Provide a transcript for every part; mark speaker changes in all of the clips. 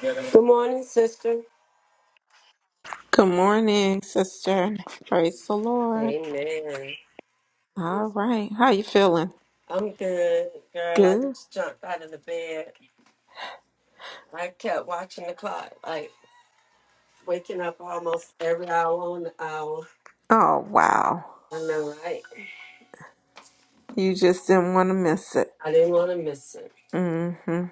Speaker 1: Good morning, sister.
Speaker 2: Good morning, sister. Praise the Lord.
Speaker 1: Amen.
Speaker 2: All right. How you feeling?
Speaker 1: I'm good, girl. I
Speaker 2: Good.
Speaker 1: just jumped out of the bed. I kept watching the clock, like waking up almost every hour on the hour.
Speaker 2: Oh, wow.
Speaker 1: I know, right?
Speaker 2: You just didn't want to miss it.
Speaker 1: I didn't want to miss it.
Speaker 2: Mm-hmm.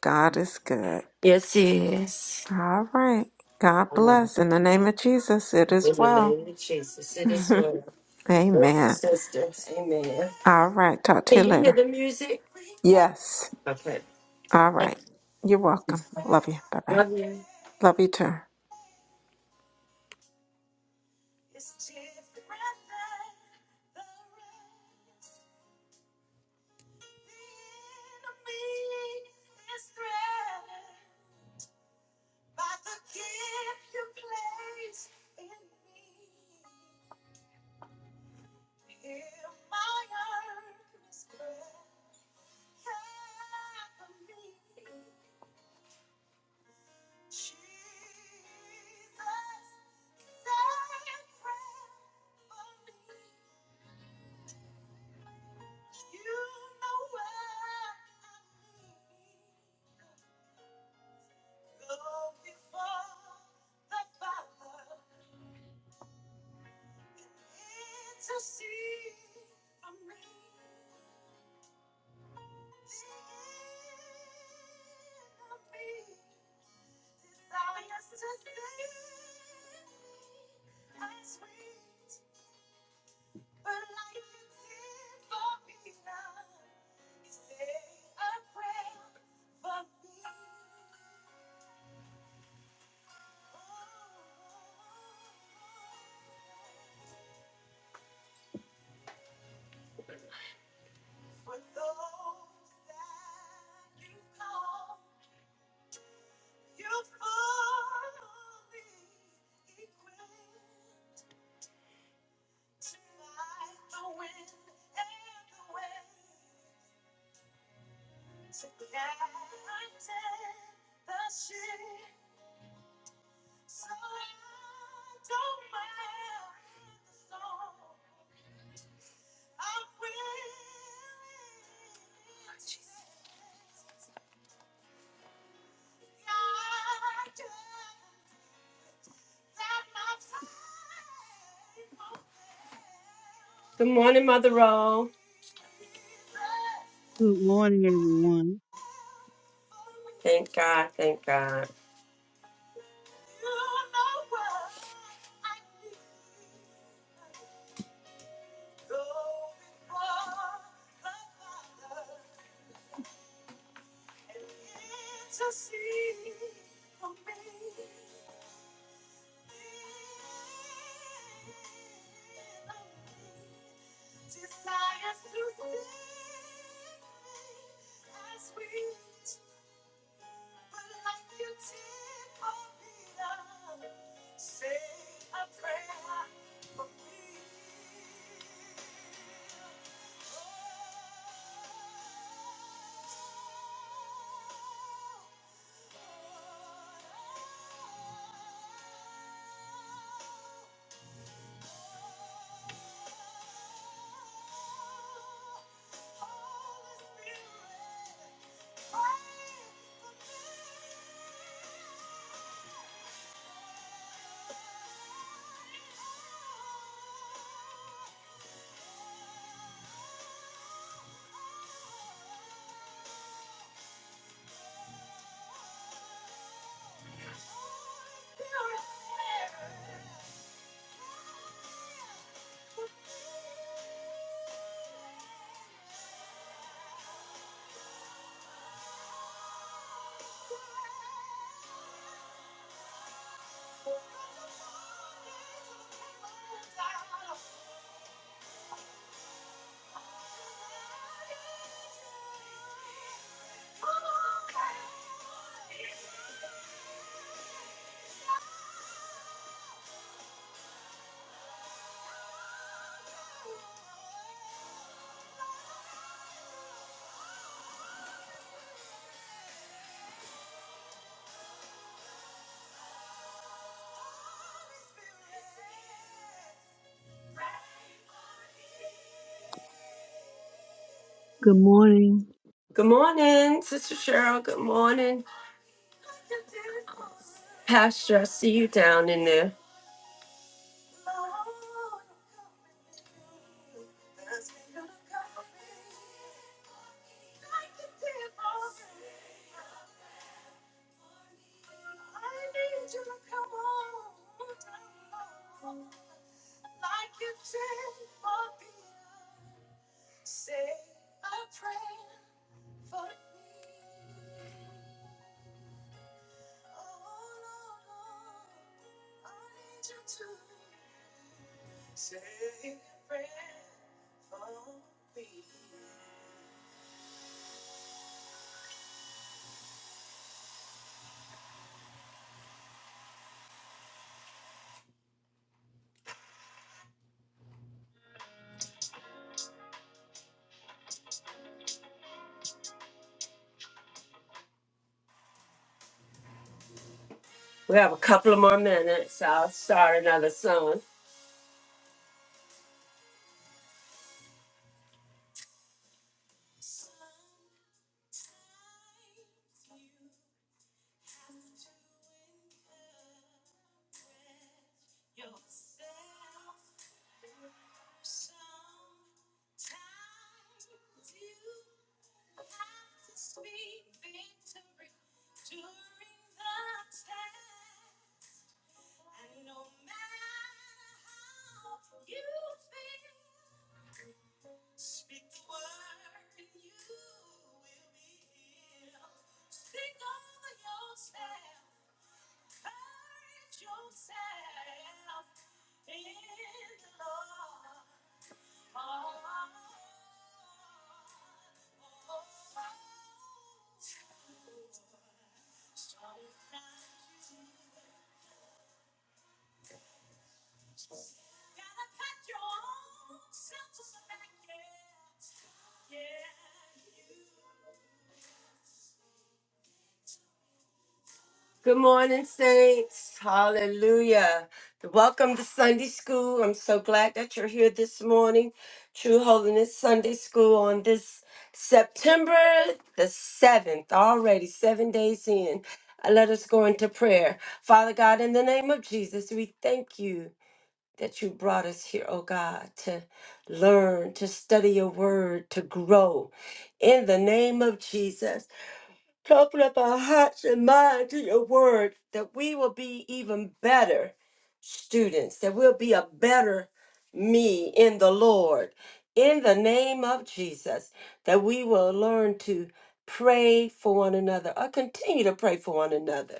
Speaker 2: God is good.
Speaker 1: Yes, yes.
Speaker 2: All right. God
Speaker 1: I
Speaker 2: bless. In the name of Jesus, it
Speaker 1: In
Speaker 2: is
Speaker 1: the
Speaker 2: well.
Speaker 1: name of Jesus, it is well.
Speaker 2: Amen.
Speaker 1: Sister, amen.
Speaker 2: All right. Talk to
Speaker 1: Can
Speaker 2: you
Speaker 1: you hear
Speaker 2: later.
Speaker 1: the music?
Speaker 2: Yes.
Speaker 1: Okay.
Speaker 2: All
Speaker 1: Thank
Speaker 2: right. You're
Speaker 1: you.
Speaker 2: welcome. Love you. Bye-bye.
Speaker 1: Love you.
Speaker 2: Love you too.
Speaker 1: Good morning, Mother Roll.
Speaker 3: Good morning, everyone.
Speaker 1: Thank God. Thank God.
Speaker 4: Good morning.
Speaker 1: Good morning, Sister Cheryl. Good morning, Pastor. I see you down in there. We have a couple of more minutes. I'll start another song. Good morning, Saints. Hallelujah. Welcome to Sunday School. I'm so glad that you're here this morning. True Holiness Sunday School on this September the 7th, already seven days in. Uh, Let us go into prayer. Father God, in the name of Jesus, we thank you. that you brought us here, oh God, to learn, to study your word, to grow. In the name of Jesus, to open up our hearts and mind to your word, that we will be even better students, that we'll be a better me in the Lord. In the name of Jesus, that we will learn to pray for one another or continue to pray for one another.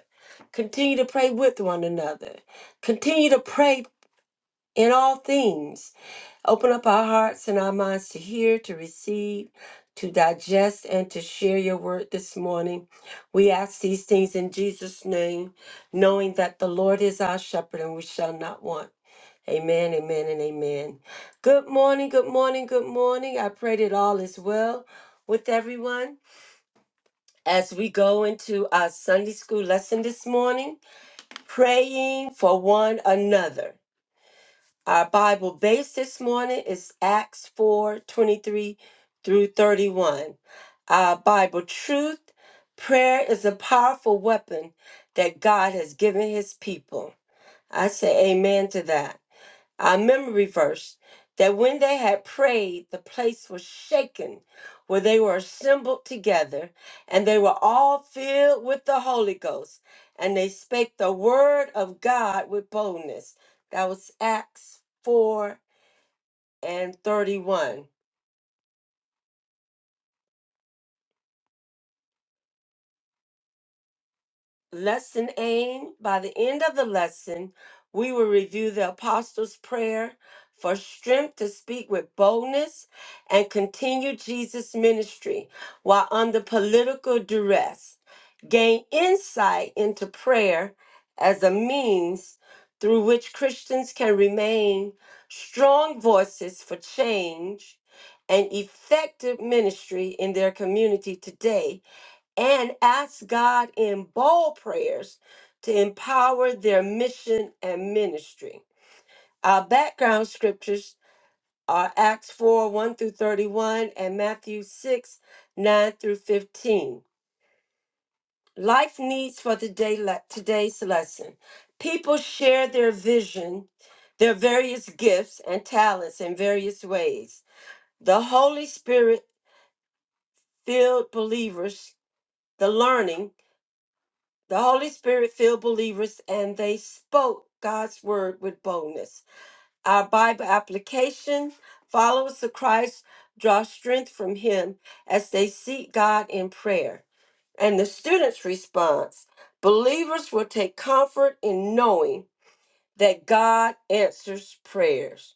Speaker 1: Continue to pray with one another. Continue to pray in all things. Open up our hearts and our minds to hear, to receive, to digest, and to share your word this morning. We ask these things in Jesus' name, knowing that the Lord is our shepherd and we shall not want. Amen, amen, and amen. Good morning, good morning, good morning. I pray that all is well with everyone. As we go into our Sunday school lesson this morning, praying for one another. Our Bible base this morning is Acts 4 23 through 31. Our Bible truth prayer is a powerful weapon that God has given his people. I say amen to that our memory verse that when they had prayed, the place was shaken where they were assembled together, and they were all filled with the Holy Ghost, and they spake the word of God with boldness. That was Acts 4 and 31. Lesson aim. By the end of the lesson, we will review the Apostles' Prayer for strength to speak with boldness and continue Jesus' ministry while under political duress. Gain insight into prayer as a means through which Christians can remain strong voices for change and effective ministry in their community today and ask God in bold prayers to empower their mission and ministry. Our background scriptures are Acts 4 1 through 31 and Matthew 6 9 through 15. Life needs for the day le- today's lesson. People share their vision, their various gifts and talents in various ways. The Holy Spirit filled believers, the learning, The Holy Spirit filled believers and they spoke God's word with boldness. Our Bible application followers of Christ draw strength from Him as they seek God in prayer. And the student's response believers will take comfort in knowing that God answers prayers,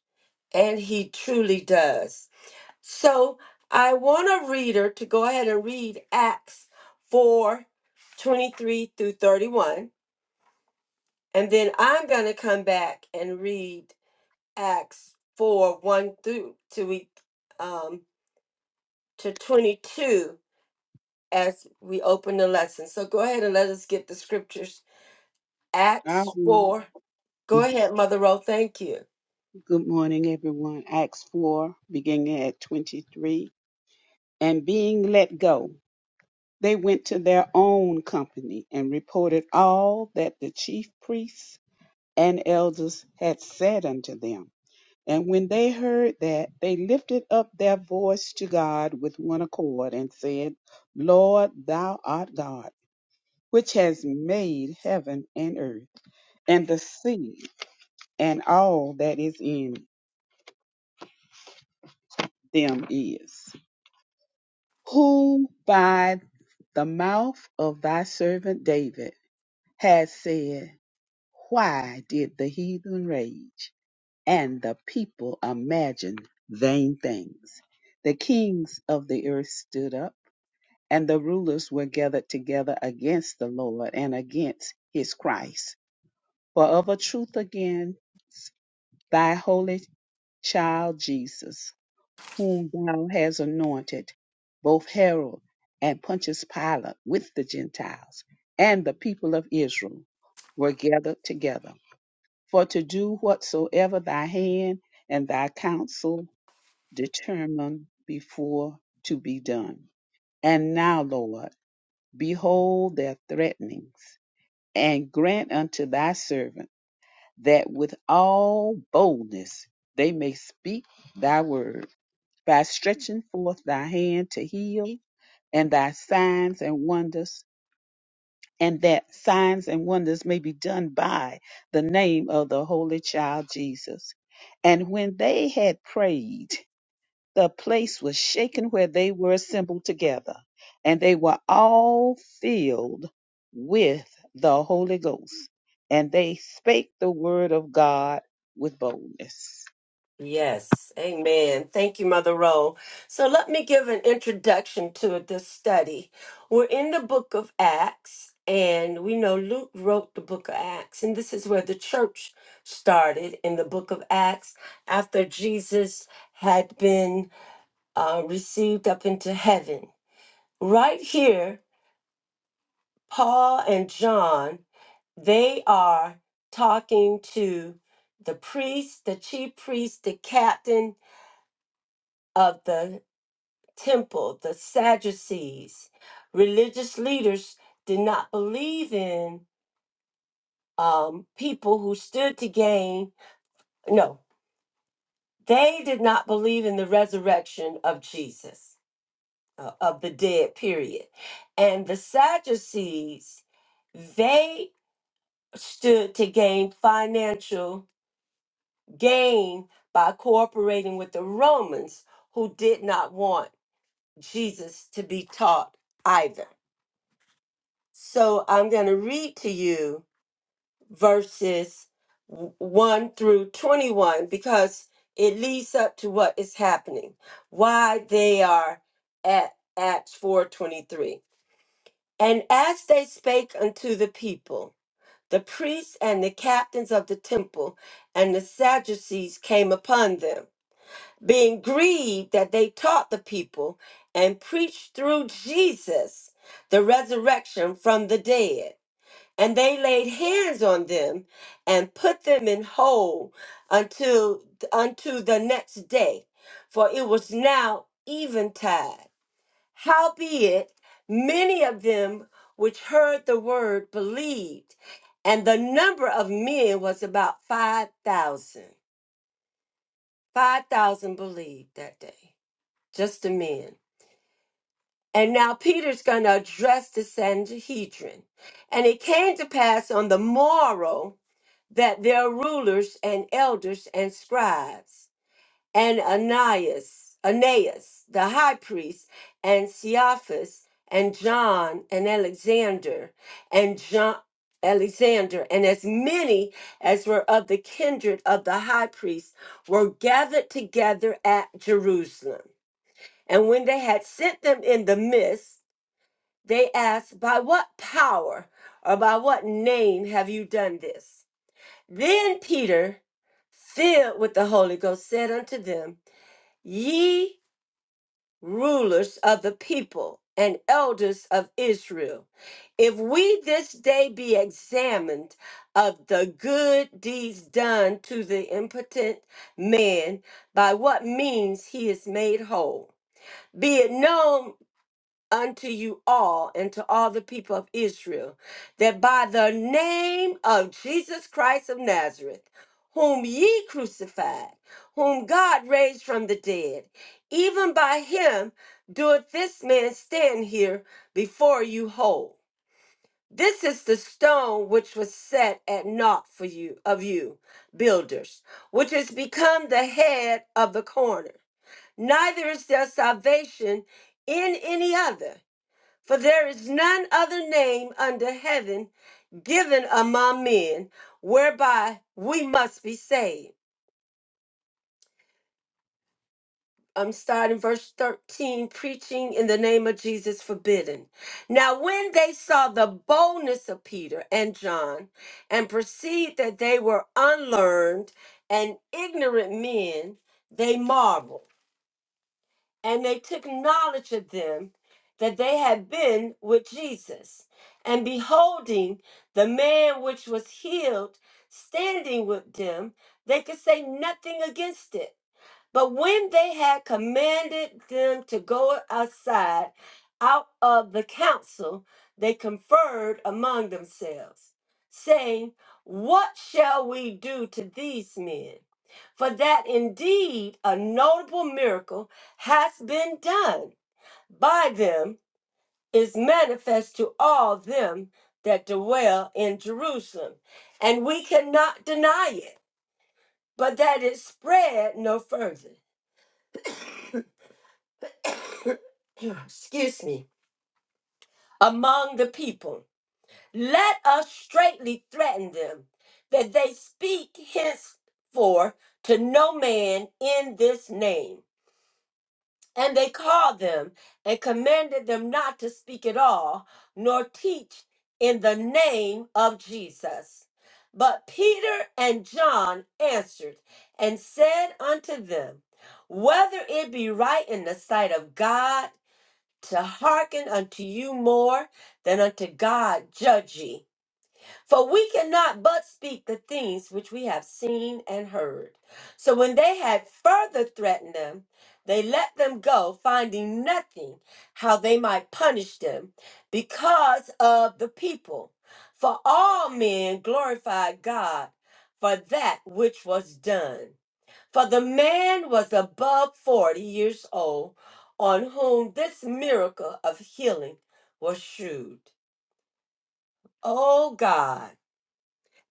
Speaker 1: and He truly does. So I want a reader to go ahead and read Acts 4, 23 through 31 and then I'm going to come back and read Acts 4 1 through to, we, um, to 22 as we open the lesson. So go ahead and let us get the scriptures.
Speaker 3: I
Speaker 1: Acts
Speaker 3: read,
Speaker 1: 4. Go ahead, Mother Rowe. Thank you.
Speaker 3: Good morning, everyone. Acts 4, beginning at 23. And being let go, they went to their own company and reported all that the chief priests and elders had said unto them. And when they heard that, they lifted up their voice to God with one accord and said, Lord, thou art God, which has made heaven and earth and the sea and all that is in them is, who by the mouth of thy servant David has said, Why did the heathen rage and the people imagine vain things? The kings of the earth stood up, and the rulers were gathered together against the Lord and against his Christ. For of a truth against thy holy child Jesus, whom thou hast anointed, both Herod and Pontius Pilate with the Gentiles and the people of Israel were gathered together, for to do whatsoever thy hand and thy counsel determined before to be done. And now, Lord, behold their threatenings, and grant unto thy servant that with all boldness they may speak thy word by stretching forth thy hand to heal and thy signs and wonders, and that signs and wonders may be done by the name of the Holy Child Jesus. And when they had prayed, the place was shaken where they were assembled together, and they were all filled with the Holy Ghost, and they spake the word of God with boldness.
Speaker 1: Yes, amen. Thank you, Mother Rowe. So let me give an introduction to this study. We're in the book of Acts, and we know Luke wrote the book of Acts, and this is where the church started in the book of Acts after Jesus had been uh, received up into heaven. Right here, Paul and John, they are talking to the priest, the chief priest, the captain of the temple, the Sadducees. Religious leaders did not believe in um, people who stood to gain, no, they did not believe in the resurrection of Jesus, uh, of the dead, period. And the Sadducees, they stood to gain financial gain by cooperating with the Romans who did not want Jesus to be taught either. So I'm going to read to you verses w- 1 through 21 because it leads up to what is happening, why they are at Acts 4:23. And as they spake unto the people, the priests and the captains of the temple and the Sadducees came upon them, being grieved that they taught the people and preached through Jesus the resurrection from the dead. And they laid hands on them and put them in hold until unto the next day, for it was now eventide. Howbeit, many of them which heard the word believed, and the number of men was about five thousand. Five thousand believed that day, just the men. And now Peter's going to address the Sanhedrin. And it came to pass on the morrow that their rulers and elders and scribes, and Ananias, Aeneas, the high priest, and Cephas, and John, and Alexander, and John, Alexander, and as many as were of the kindred of the high priest were gathered together at Jerusalem. And when they had sent them in the midst, they asked, By what power or by what name have you done this? Then Peter, filled with the Holy Ghost, said unto them, Ye rulers of the people and elders of Israel, if we this day be examined of the good deeds done to the impotent man, by what means he is made whole, be it known unto you all and to all the people of Israel that by the name of Jesus Christ of Nazareth, whom ye crucified, whom God raised from the dead, even by him doeth this man stand here before you whole. This is the stone which was set at naught for you of you builders, which is become the head of the corner. Neither is there salvation in any other for there is none other name under heaven given among men whereby we must be saved. I'm starting verse 13, preaching in the name of Jesus forbidden. Now, when they saw the boldness of Peter and John and perceived that they were unlearned and ignorant men, they marveled. and they took knowledge of them that they had been with Jesus. And beholding the man which was healed standing with them, they could say nothing against it. But when they had commanded them to go aside out of the council, they conferred among themselves, saying, What shall we do to these men? For that indeed a notable miracle has been done by them is manifest to all them that dwell in Jerusalem, and we cannot deny it, but that it spread no further. excuse me, among the people. Let us straightly threaten them that they speak henceforth to no man in this name. And they called them and commanded them not to speak at all, nor teach in the name of Jesus. But Peter and John answered and said unto them, Whether it be right in the sight of God to hearken unto you more than unto God, judge ye. For we cannot but speak the things which we have seen and heard. So when they had further threatened them, they let them go, finding nothing how they might punish them because of the people. For all men glorified God for that which was done. For the man was above 40 years old, on whom this miracle of healing was shewed. O God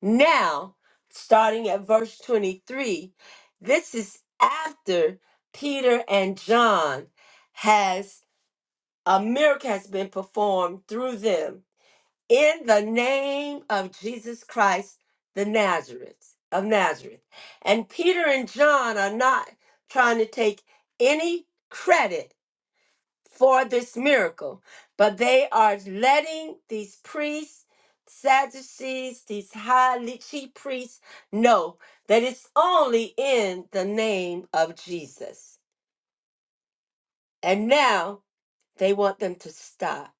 Speaker 1: now, starting at verse 23, this is after Peter and John has a miracle has been performed through them in the name of Jesus Christ the Nazareth of Nazareth. And Peter and John are not trying to take any credit for this miracle, but they are letting these priests, Sadducees, these highly chief priests know that it's only in the name of Jesus. And now they want them to stop.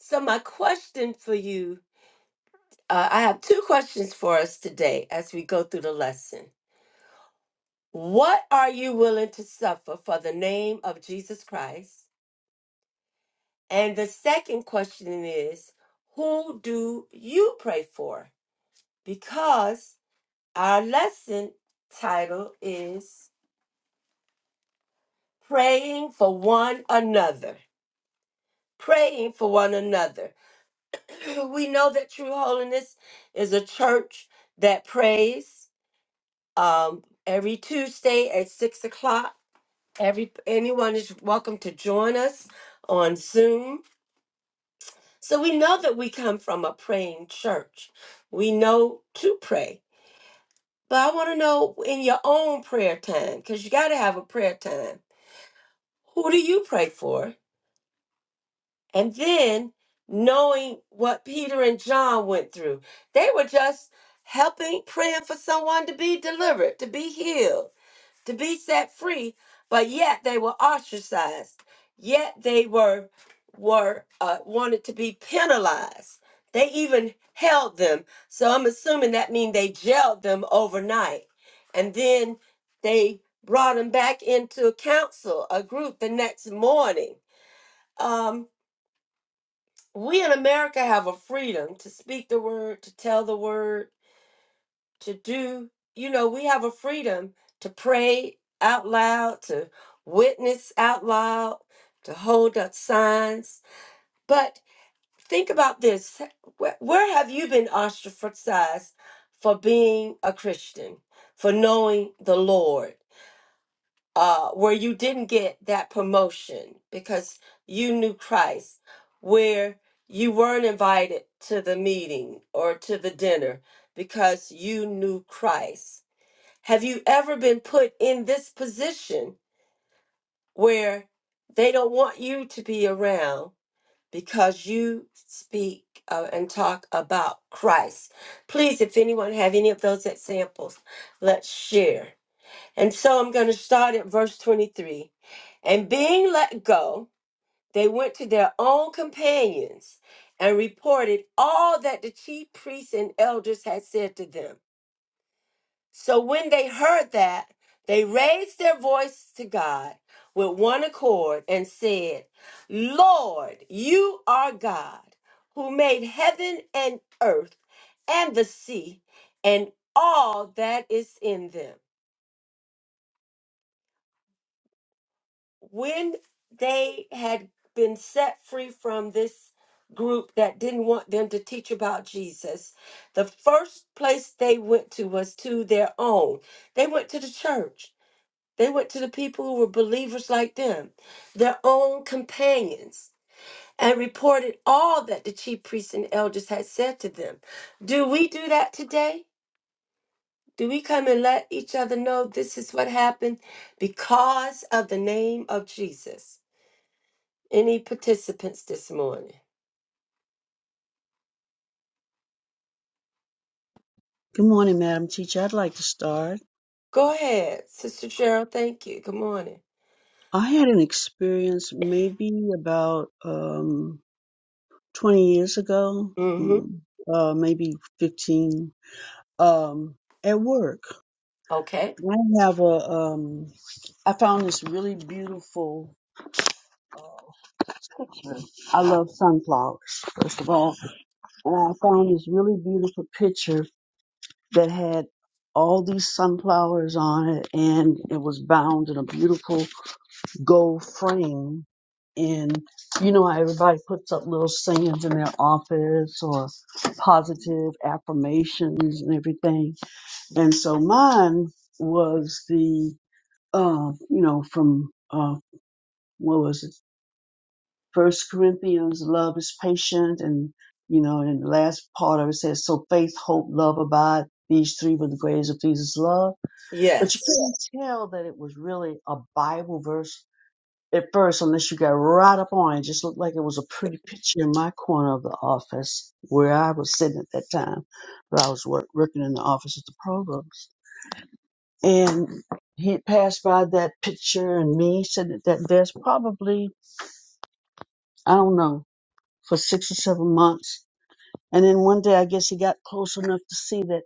Speaker 1: So, my question for you uh, I have two questions for us today as we go through the lesson. What are you willing to suffer for the name of Jesus Christ? And the second question is, who do you pray for? Because our lesson title is Praying for One Another. Praying for one another. We know that True Holiness is a church that prays um, every Tuesday at six o'clock. Every anyone is welcome to join us on Zoom. So we know that we come from a praying church. We know to pray But I want to know in your own prayer time, because you got to have a prayer time. Who do you pray for? And then knowing what Peter and John went through, they were just helping, praying for someone to be delivered, to be healed to be set free, but yet they were ostracized. Yet they were were uh, wanted to be penalized. They even held them. So I'm assuming that means they jailed them overnight, and then they brought them back into a council, a group, the next morning. Um, we in America have a freedom to speak the word, to tell the word, to do, you know, we have a freedom to pray out loud, to witness out loud, to hold up signs. But think about this where, where have you been ostracized for being a Christian, for knowing the Lord, uh, where you didn't get that promotion because you knew Christ, where you weren't invited to the meeting or to the dinner because you knew Christ? Have you ever been put in this position where they don't want you to be around because you speak uh, and talk about Christ? Please, if anyone have any of those examples, let's share. And so I'm going to start at verse 23. And being let go, they went to their own companions and reported all that the chief priests and elders had said to them. So when they heard that, they raised their voice to God with one accord and said, Lord, you are God who made heaven and earth and the sea and all that is in them. When they had been set free from this group that didn't want them to teach about Jesus, the first place they went to was to their own. They went to the church They went to the people who were believers like them, their own companions, and reported all that the chief priests and elders had said to them. Do we do that today? Do we come and let each other know this is what happened because of the name of Jesus? Any participants this morning?
Speaker 4: Good morning, Madam Teacher. I'd like to start.
Speaker 1: Go ahead, Sister Cheryl. Thank you. Good morning.
Speaker 4: I had an experience maybe about um, 20 years ago,
Speaker 1: Mm-hmm.
Speaker 4: mm, uh, maybe 15, um, at work.
Speaker 1: Okay.
Speaker 4: I have a, um, I found this really beautiful uh, picture. I love sunflowers, first of all. And I found this really beautiful picture that had all these sunflowers on it and it was bound in a beautiful gold frame and you know how everybody puts up little sayings in their office or positive affirmations and everything and so mine was the uh, you know from uh, what was it first corinthians love is patient and you know in the last part of it says so faith hope love abide these three were the greatest of these is love but you
Speaker 1: Yes.
Speaker 4: couldn't tell that it was really a bible verse at first unless you got right up on it. It Just looked like it was a pretty picture in my corner of the office where I was sitting at that time. But I was work, working in the office at the provost. And he had passed by that picture and me sitting at that desk probably, I don't know, for six or seven months. And then one day I guess he got close enough to see that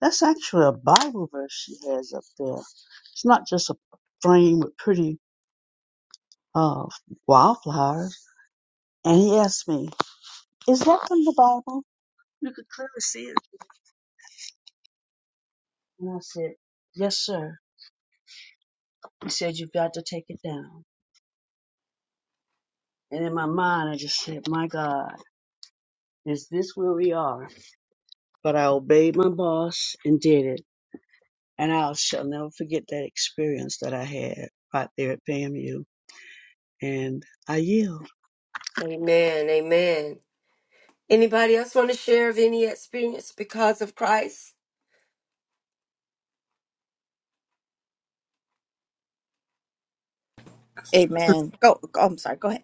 Speaker 4: that's actually a Bible verse she has up there. It's not just a frame with pretty uh wildflowers. And he asked me, Is that from the Bible? You could clearly see it. And I said, Yes, sir. He said, You've got to take it down. And in my mind, I just said, My God, is this where we are? But I obeyed my boss and did it. And I shall never forget that experience that I had right there at Pamu. And I yield.
Speaker 1: Amen. Amen. Anybody else want to share of any experience because of Christ?
Speaker 5: Sis-
Speaker 6: Amen. Go, go. I'm sorry. Go ahead.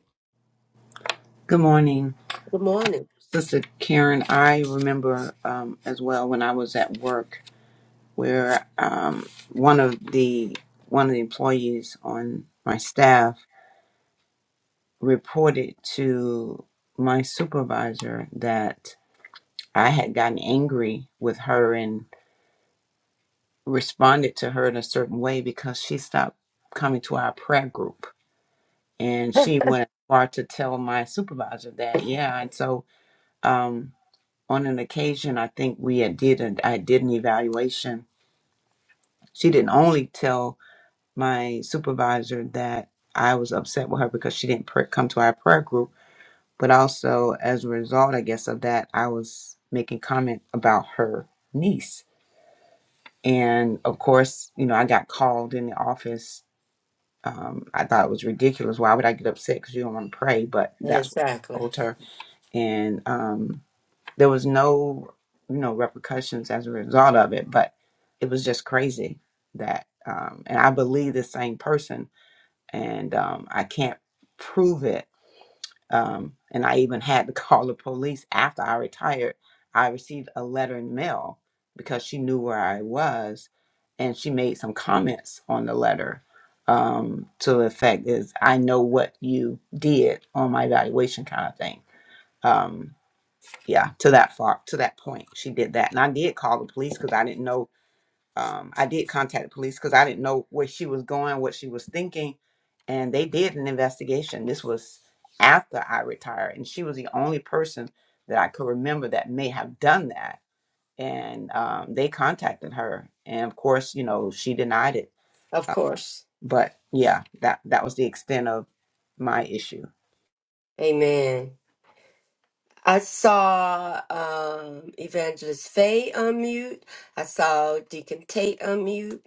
Speaker 5: Good morning,
Speaker 1: Good morning.
Speaker 5: Sister Karen. I remember um, as well when I was at work where um, one of the one of the employees on my staff reported to my supervisor that I had gotten angry with her and responded to her in a certain way because she stopped coming to our prayer group, and she went far to tell my supervisor that. Yeah, and so. Um, on an occasion i think we had did an, i did an evaluation she didn't only tell my supervisor that i was upset with her because she didn't pr- come to our prayer group but also as a result i guess of that i was making comment about her niece and of course you know i got called in the office um, i thought it was ridiculous why would i get upset because you don't want to pray but that's what i
Speaker 1: Exactly.
Speaker 5: told her and um, There was no, you know, repercussions as a result of it, but it was just crazy that, um, and I believe the same person, and um, I can't prove it. Um, and I even had to call the police after I retired. I received a letter in the mail because she knew where I was, and she made some comments on the letter um, to the effect is I know what you did on my evaluation kind of thing. Um, yeah to that far to that point she did that and i did call the police because i didn't know um, i did contact the police because i didn't know where she was going what she was thinking and they did an investigation this was after i retired and she was the only person that i could remember that may have done that and um, they contacted her and of course you know she denied it
Speaker 1: Of
Speaker 5: Uh,
Speaker 1: course.
Speaker 5: but yeah that that was the extent of my issue
Speaker 1: Amen. I saw um, Evangelist Faye unmute. I saw Deacon Tate unmute.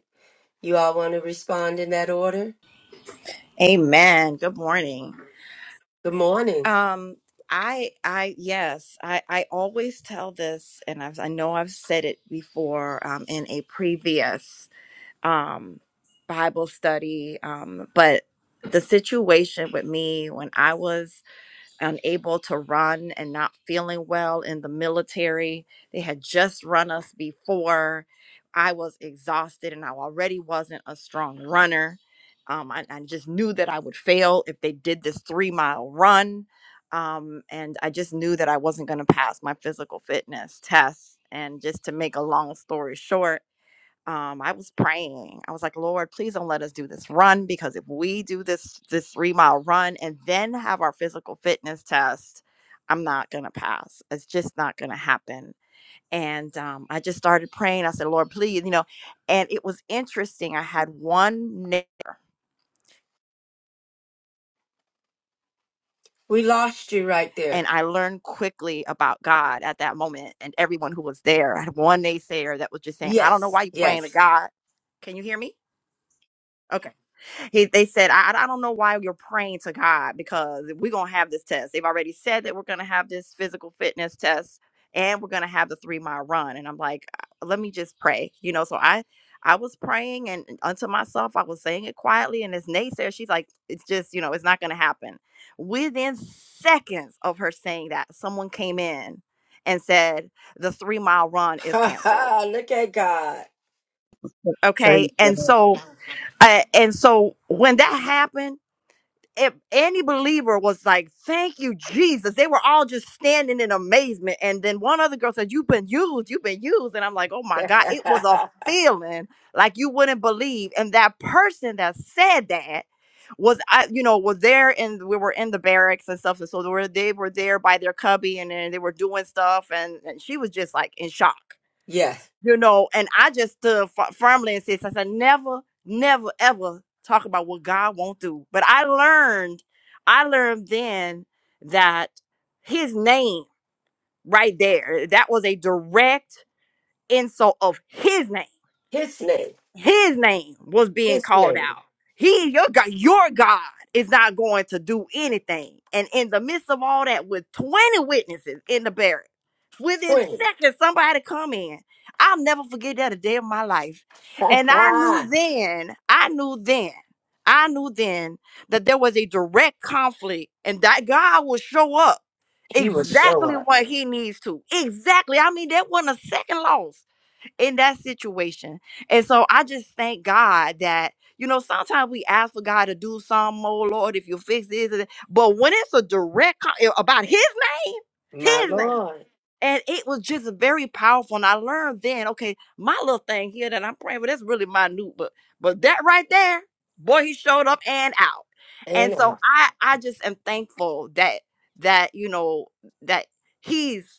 Speaker 1: You all want to respond in that order?
Speaker 6: Amen. Good morning.
Speaker 1: Good morning.
Speaker 6: Um, I, I, yes, I, I always tell this, and I've, I know I've said it before um, in a previous um, Bible study, um, but the situation with me when I was unable to run and not feeling well in the military. They had just run us before. I was exhausted and I already wasn't a strong runner. Um, I, I just knew that I would fail if they did this three mile run. Um, and I just knew that I wasn't going to pass my physical fitness test. And just to make a long story short, um, I was praying. I was like, Lord, please don't let us do this run because if we do this this three mile run and then have our physical fitness test, I'm not gonna pass. It's just not gonna happen. And um, I just started praying. I said, Lord, please, you know. And it was interesting. I had one, na-
Speaker 1: We lost you right there.
Speaker 6: and I learned quickly about God at that moment and everyone who was there. I had one naysayer that was just saying, I don't know
Speaker 1: Yes.
Speaker 6: why you're praying to
Speaker 1: Yes.
Speaker 6: God. Can you hear me? Okay. He, they said, I, I don't know why you're praying to God because we're going to have this test. They've already said that we're going to have this physical fitness test and we're going to have the three mile run. And I'm like, "Uh, let me just pray. You know, so I, I was praying and unto myself, I was saying it quietly. And as Naysayer, she's like, it's just, you know, it's not going to happen. Within seconds of her saying that, someone came in and said, the three mile run is
Speaker 1: Ha
Speaker 6: canceled.
Speaker 1: ha. Look at God.
Speaker 6: Okay.
Speaker 4: Praise
Speaker 6: And
Speaker 4: God.
Speaker 6: so, uh, and so when that happened, if any believer was like, "Thank you, Jesus," they were all just standing in amazement. And then one other girl said, "You've been used. You've been used." And I'm like, "Oh my God!" It was a feeling like you wouldn't believe. And that person that said that was, I, you know, was there, and we were in the barracks and stuff. And so they were, they were there by their cubby, and then they were doing stuff, and, and she was just like in shock
Speaker 1: yes.
Speaker 6: you know, and I just stood f- firmly and said, I said, never, never, ever talk about what God won't do. But I learned, I learned then that his name right there, that was a direct insult of his name
Speaker 1: His name.
Speaker 6: his name was being
Speaker 1: His
Speaker 6: called
Speaker 1: name.
Speaker 6: out. He, your God, your God is not going to do anything. And in the midst of all that, with 20 witnesses in the barracks, within
Speaker 1: 20.
Speaker 6: seconds, somebody come in. I'll never forget that a day of my life. And I knew then, I knew then, I knew then that there was a direct conflict and that God will show up
Speaker 1: He will show
Speaker 6: exactly
Speaker 1: up.
Speaker 6: what he needs to. Exactly. I mean, that wasn't a second loss in that situation. And so I just thank God that, you know, sometimes we ask for God to do some, oh Lord, if you fix this, and that," but when it's a direct con- eh, about His name,
Speaker 1: My
Speaker 6: His name.
Speaker 1: Lord.
Speaker 6: And it was just very powerful. And I learned then, okay, my little thing here that I'm praying for, that's really minute, but but that right there, boy, he showed up and out. And
Speaker 1: And
Speaker 6: so
Speaker 1: mm-hmm.
Speaker 6: I I just am thankful that that, you know, that he's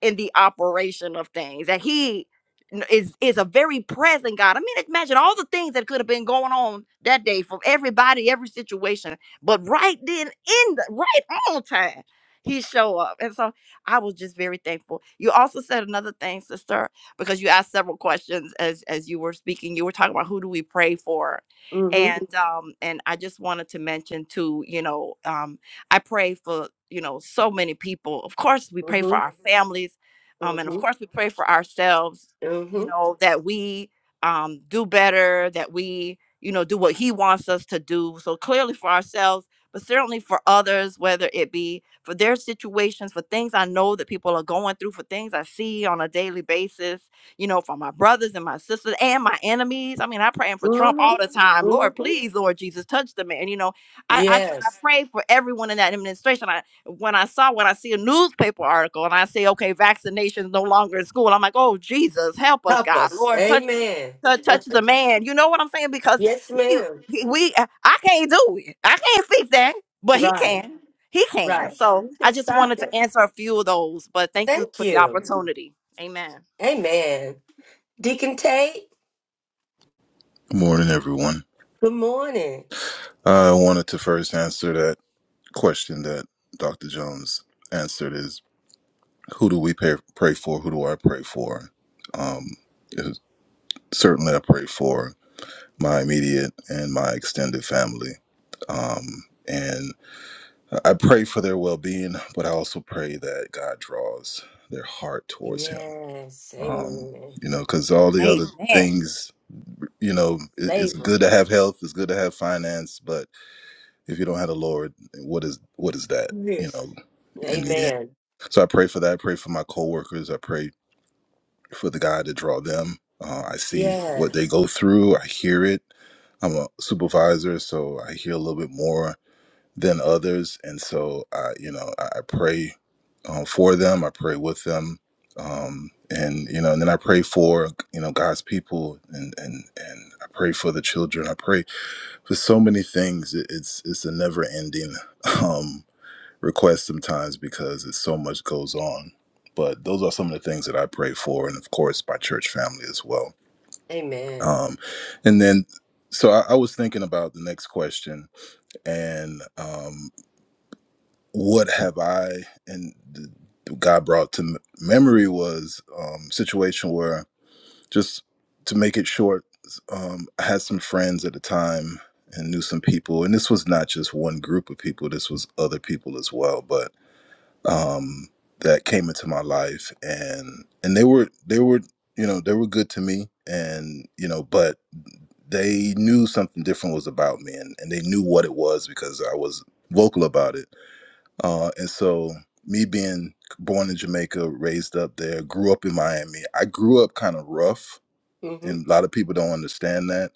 Speaker 6: in the operation of things that he n- is is a very present god i mean imagine all the things that could have been going on that day from everybody every situation but right then in the right on time he show up and so i was just very thankful you also said another thing sister because you asked several questions as as you were speaking you were talking about who do we pray for and
Speaker 1: Mm-hmm.
Speaker 6: Mhm. um and i just wanted to mention too you know um. I pray for, you know, so many people. Of course, we pray
Speaker 1: Mm-hmm.
Speaker 6: for our families. Um, and of
Speaker 1: Mm-hmm.
Speaker 6: course, we pray for ourselves, you
Speaker 1: Mm-hmm.
Speaker 6: know, that we um, do better, that we, you know, do what He wants us to do. So clearly for ourselves, but certainly for others, whether it be for their situations, for things I know that people are going through, for things I see on a daily basis, you know, for my brothers and my sisters and my enemies. I mean, I'm praying for Trump all the time. Lord,
Speaker 1: Mm-hmm.
Speaker 6: please, Lord Jesus, touch the man, you know. I, I tr-
Speaker 1: Yes.
Speaker 6: pray for everyone in that administration. I when I saw when I see a newspaper article and I say, okay, vaccinations no longer in school, I'm like, oh Jesus, help us,
Speaker 1: Help
Speaker 6: God,
Speaker 1: us.
Speaker 6: Lord, touch the
Speaker 1: Amen.
Speaker 6: tou- touch the man. You know what I'm saying? Because
Speaker 1: Yes,
Speaker 6: we
Speaker 1: ma'am.
Speaker 6: we uh, I can't do it. I can't fix that, but he
Speaker 1: Right.
Speaker 6: can. He can.
Speaker 1: Right.
Speaker 6: So
Speaker 1: You
Speaker 6: I
Speaker 1: can
Speaker 6: just
Speaker 1: stop
Speaker 6: wanted to
Speaker 1: it.
Speaker 6: answer a few of those, but thank you
Speaker 1: Thank
Speaker 6: for the
Speaker 1: you.
Speaker 6: opportunity. Amen.
Speaker 1: Amen. Deacon Tate,
Speaker 7: Good morning, everyone.
Speaker 1: good morning.
Speaker 7: I wanted to first answer that question that Dr. Jones answered is who do we pay, pray for? Who do I pray for? Um, certainly, I pray for my immediate and my extended family. Um, and I pray for their well being, but I also pray that God draws their heart towards Him.
Speaker 1: Yes.
Speaker 7: Um,
Speaker 1: Amen.
Speaker 7: you know, because all the other
Speaker 6: Amen.
Speaker 7: things, you know, it, it's
Speaker 1: Save
Speaker 7: good
Speaker 1: them.
Speaker 7: to have health, it's good to have finance, but If you don't have the Lord, what is what is that? You
Speaker 1: Yes.
Speaker 7: know, in the end.
Speaker 1: Amen.
Speaker 7: So I pray for that. I pray for my coworkers. I pray for the God to draw them. Uh, I see what they
Speaker 1: Yes.
Speaker 7: go through. I hear it. I'm a supervisor, so I hear a little bit more than others, and so I, you know, I, I pray um, for them. I pray with them, um, and you know, and then I pray for you know God's people, and and and I pray for the children. I pray for so many things it, it's it's a never ending um request sometimes because it's so much goes on but those are some of the things that i pray for and of course my church family as well
Speaker 1: Amen.
Speaker 7: um and then so i, I was thinking about the next question and um what have i and th- god brought to m- memory was um situation where just to make it short, um, I had some friends at the time and knew some people, and this was not just one group of people. This was other people as well, but um, that came into my life, and and they were they were you know they were good to me, and you know, but they knew something different was about me, and and they knew what it was because I was vocal about it, uh, and so me being born in Jamaica, raised up there, grew up in Miami. I grew up kind of rough
Speaker 1: Mm-hmm.
Speaker 7: and a lot of people don't understand that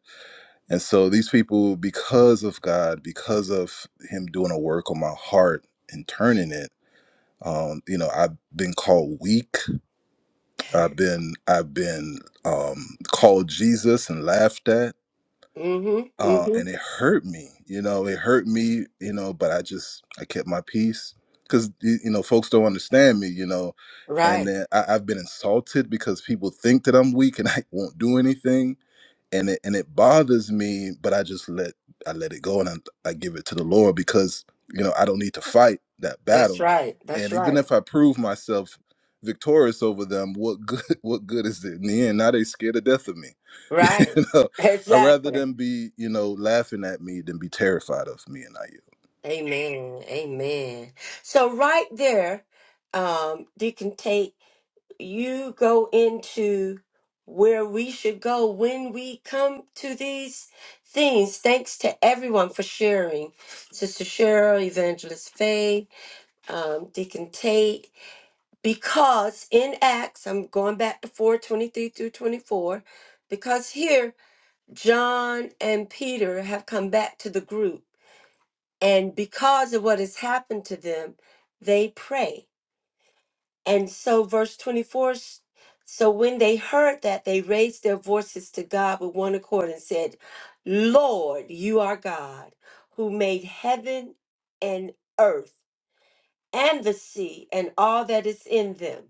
Speaker 7: and so these people because of god because of him doing a work on my heart and turning it um you know i've been called weak i've been i've been um called jesus and laughed at
Speaker 1: Mm-hmm.
Speaker 7: uh
Speaker 1: Mm-hmm.
Speaker 7: and it hurt me you know it hurt me you know but i just i kept my peace because you you know folks don't understand me you know and
Speaker 1: Right.
Speaker 7: then I, i've been insulted because people think that i'm weak and i won't do anything and it and it bothers me but i just let i let it go and I, I give it to the lord because you know i don't need to fight that
Speaker 1: That's
Speaker 7: battle
Speaker 1: right. That's
Speaker 7: and even
Speaker 1: right.
Speaker 7: if i prove myself victorious over them what good what good is it in the end now they scared to death of me
Speaker 1: Right.
Speaker 7: you know i rather
Speaker 1: Exactly.
Speaker 7: them be you know laughing at me than be terrified of me and i yield.
Speaker 1: Amen. Amen. So right there, um, Deacon Tate. you go into where we should go when we come to these things. Thanks to everyone for sharing. Sister Cheryl, Evangelist Faye, um, Deacon Tate, because in Acts, I'm going back to 423 through 24, because here John and Peter have come back to the group. And because of what has happened to them, they pray and so, verse 24 s- so when they heard that, they raised their voices to God with one accord and said, Lord, you are God, who made heaven and earth and the sea and all that is in them.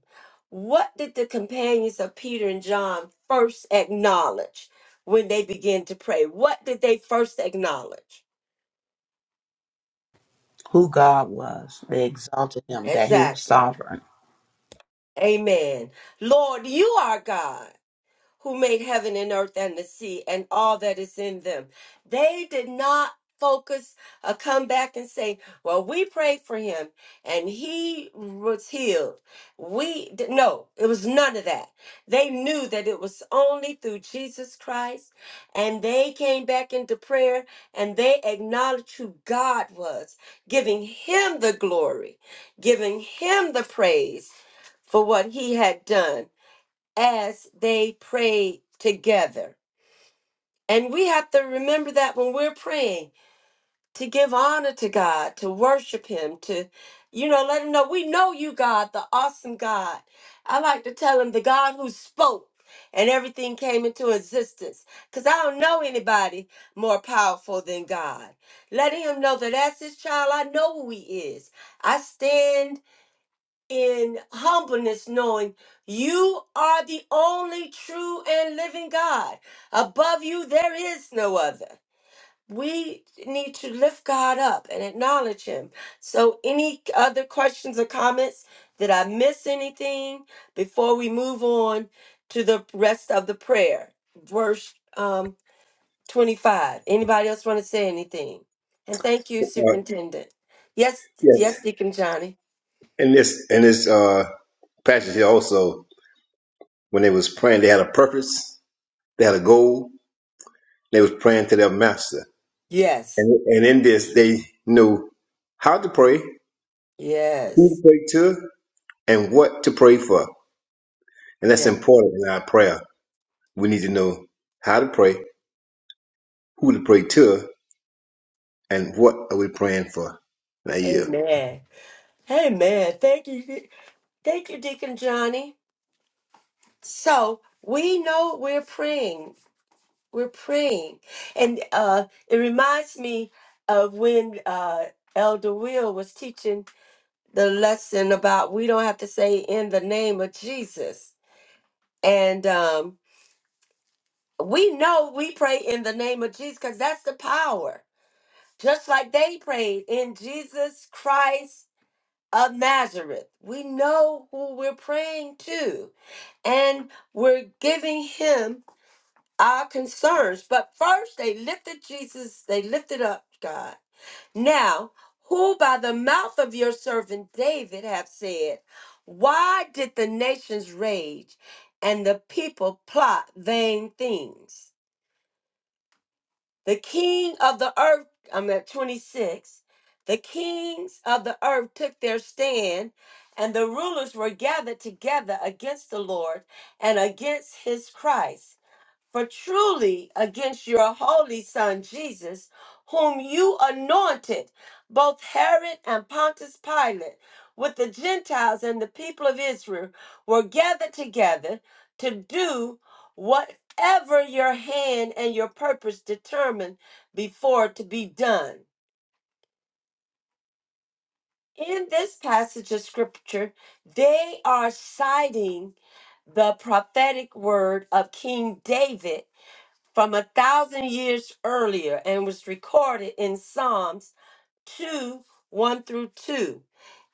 Speaker 1: What did the companions of Peter and John first acknowledge when they began to pray? What did they first acknowledge?
Speaker 5: who god was they exalted him that he was
Speaker 1: Exactly.
Speaker 5: sovereign
Speaker 1: Amen. Lord, you are God. who made heaven and earth and the sea and all that is in them. They did not focus or come back and say, Well, we prayed for him and he was healed. We did no, it was none of that. They knew that it was only through Jesus Christ, and they came back into prayer and they acknowledged who God was, giving him the glory, giving him the praise for what he had done as they prayed together. And we have to remember that when we're praying, to give honor to God, to worship Him, to, you know, let Him know we know you, God, the awesome God. I like to tell Him the God who spoke and everything came into existence because I don't know anybody more powerful than God. Letting Him know that as His child, I know who He is. I stand in humbleness, knowing you are the only true and living God. Above you, there is no other. We need to lift God up and acknowledge Him. So, any other questions or comments? Did I miss anything before we move on to the rest of the prayer? Verse um, 25. Anybody else want to say anything? And thank you,
Speaker 8: Uh,
Speaker 1: Superintendent. Yes,
Speaker 8: yes.
Speaker 1: yes, Deacon Johnny.
Speaker 8: In this in this uh passage here also, when they was praying, they had a purpose, they had a goal, they was praying to their master.
Speaker 1: Yes,
Speaker 8: And and in this they knew how to pray,
Speaker 1: yes.
Speaker 8: who to pray to, and what to pray for. And that's
Speaker 1: Yeah.
Speaker 8: important in our prayer. We need to know how to pray, who to pray to, and what are we praying for. Now yeah.
Speaker 1: Amen. Amen. Thank you. Thank you, Deacon Johnny. So we know we're praying. We're praying. And uh it reminds me of when uh Elder Will was teaching the lesson about we don't have to say in the name of Jesus. And um we know we pray in the name of Jesus because that's the power. Just like they prayed in Jesus Christ of Nazareth. We know who we're praying to, and we're giving him our concerns. But first, they lifted Jesus, they lifted up God. Now, who by the mouth of your servant David have said, Why did the nations rage and the people plot vain things? The king of the earth, I'm at 26. The kings of the earth took their stand, and the rulers were gathered together against the Lord and against his Christ. For truly against your holy son Jesus, whom you anointed, both Herod and Pontius Pilate, with the Gentiles and the people of Israel, were gathered together to do whatever your hand and your purpose determined before to be done. In this passage of scripture, they are citing the prophetic word of King David from a thousand years earlier and was recorded in Psalms 2 1 through 2.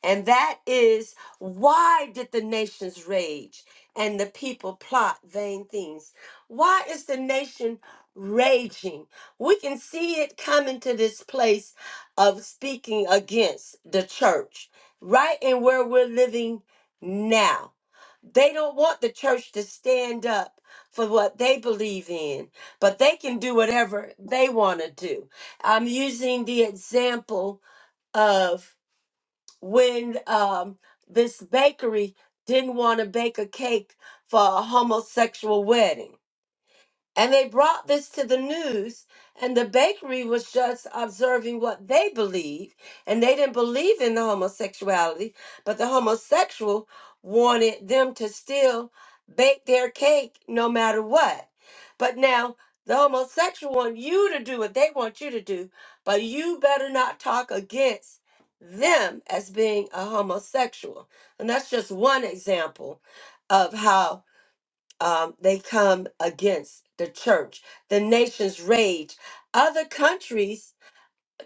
Speaker 1: And that is why did the nations rage and the people plot vain things? Why is the nation raging? We can see it coming to this place of speaking against the church, right? in where we're living now they don't want the church to stand up for what they believe in, but they can do whatever they want to do. I'm using the example of when um, this bakery didn't want to bake a cake for a homosexual wedding and they brought this to the news, and the bakery was just observing what they believe. And they didn't believe in the homosexuality, but the homosexual wanted them to still bake their cake no matter what. But now the homosexual want you to do what they want you to do, but you better not talk against them as being a homosexual. And that's just one example of how um, they come against the church. The nations rage. Other countries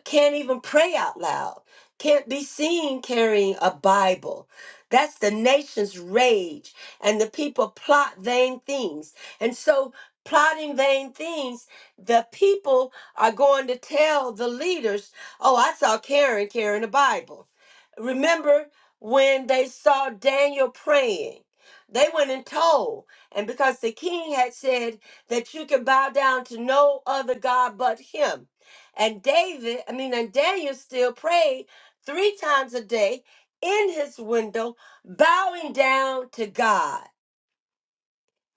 Speaker 1: can't even pray out loud, can't be seen carrying a Bible. That's the nation's rage, and the people plot vain things. And so, plotting vain things, the people are going to tell the leaders, Oh, I saw Karen carrying a Bible. Remember when they saw Daniel praying? They went and told, and because the king had said that you can bow down to no other God but him, and David, I mean, and Daniel still prayed three times a day in his window, bowing down to God.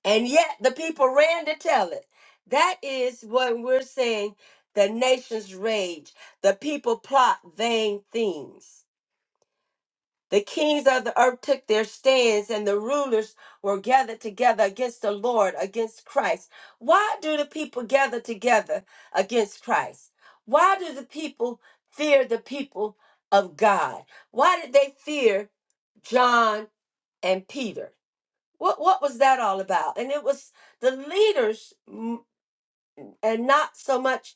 Speaker 1: And yet the people ran to tell it. That is what we're saying the nations rage, the people plot vain things. The kings of the earth took their stands, and the rulers were gathered together against the Lord, against Christ. Why do the people gather together against Christ? Why do the people fear the people of God? Why did they fear John and Peter? What, what was that all about? And it was the leaders mm, and not so much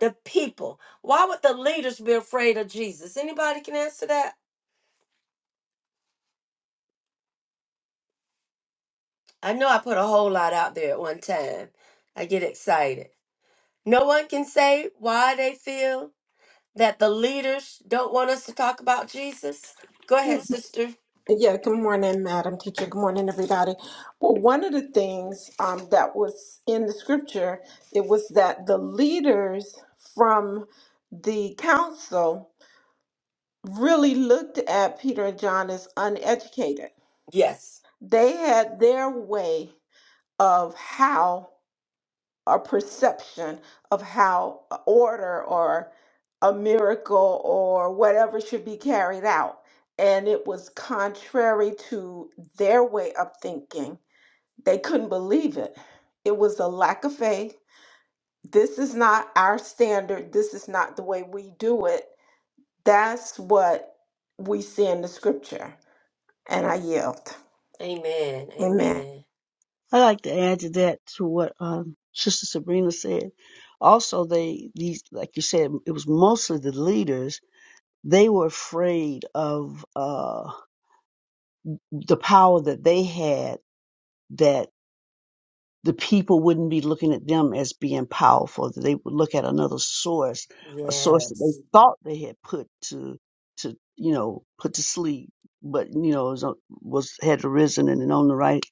Speaker 1: the people. Why would the leaders be afraid of Jesus? Anybody can answer that? I know I put a whole lot out there at one time. I get excited. No one can say why they feel that the leaders don't want us to talk about Jesus. Go ahead,
Speaker 2: Good
Speaker 1: sister.
Speaker 2: Yeah, good morning, Madam Teacher. Good morning, everybody. Well, one of the things um, that was in the scripture, it was that the leaders from the council really looked at Peter and John as uneducated.
Speaker 1: Yes.
Speaker 2: They had their way of how a perception of how a order or a miracle or whatever should be carried out. And it was contrary to their way of thinking. They couldn't believe it. It was a lack of faith. This is not our standard. This is not the way we do it. That's what we see in the scripture. And I yield.
Speaker 1: Amen.
Speaker 2: Amen.
Speaker 1: Amen.
Speaker 4: I like to add to that to what um, Sister Sabrina said. Also, they these like you said, it was mostly the leaders They were afraid of uh, the power that they had that the people wouldn't be looking at them as being powerful. They would look at another source, a source that they
Speaker 1: Yes.
Speaker 4: thought they had put to, to you know, put to sleep, but you know, was, was had arisen and on the right,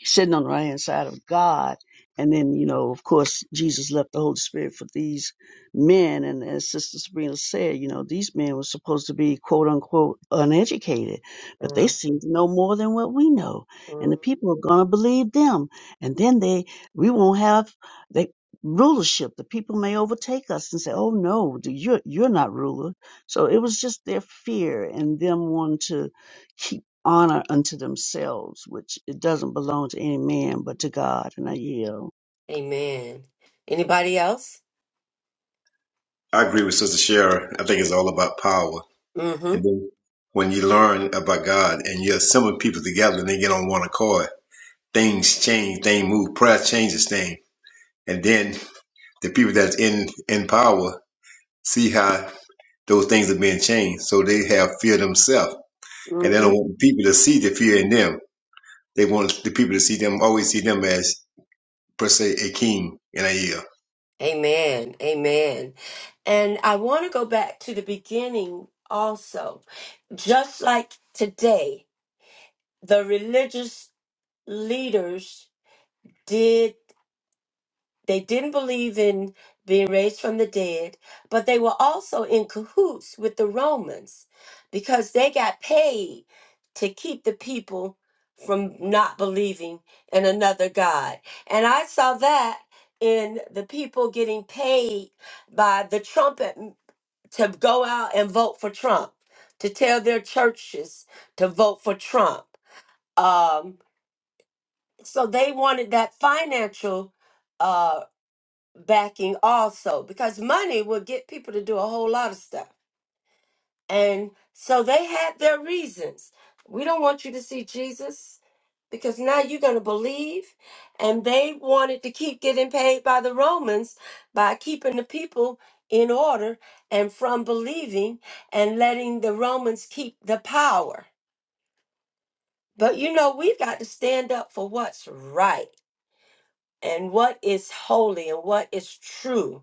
Speaker 4: sitting on the right hand side of God. And then, you know, of course, Jesus left the Holy Spirit for these men. And as Sister Sabrina said, you know, these men were supposed to be quote unquote uneducated, but they
Speaker 1: Mhm.
Speaker 4: seem to know more than what we know. And the people are going to believe them and then they we won't have the rulership the people may overtake us and say oh no you're you're not ruler so it was just their fear and them wanting to keep honor unto themselves which it doesn't belong to any man but to god and i yield
Speaker 1: Amen. Anybody else?
Speaker 8: I agree with Sister Sharon. I think it's all about power. And
Speaker 1: Mm-hmm.
Speaker 8: then when you learn about God and you assemble people together and they get on one accord, things change, things move, prayer changes things. And then the people that's in, in power see how those things are being changed. So they have fear themselves. And they
Speaker 1: Mm-hmm.
Speaker 8: don't want people to see the fear in them. They want the people to see them, always see them as, per se, a king and a year.
Speaker 1: Amen. Amen. And I want to go back to the beginning also just like today, the religious leaders did they didn't believe in being raised from the dead but they were also in cahoots with the romans because they got paid to keep the people from not believing in another god and i saw that in the people getting paid by the trumpet m- to go out and vote for trump to tell their churches to vote for trump Um, so they wanted that financial uh backing also because money would get people to do a whole lot of stuff and so they had their reasons we don't want you to see jesus because now you're going to believe and they wanted to keep getting paid by the romans by keeping the people in order and from believing and letting the romans keep the power but you know we've got to stand up for what's right and what is holy and what is true.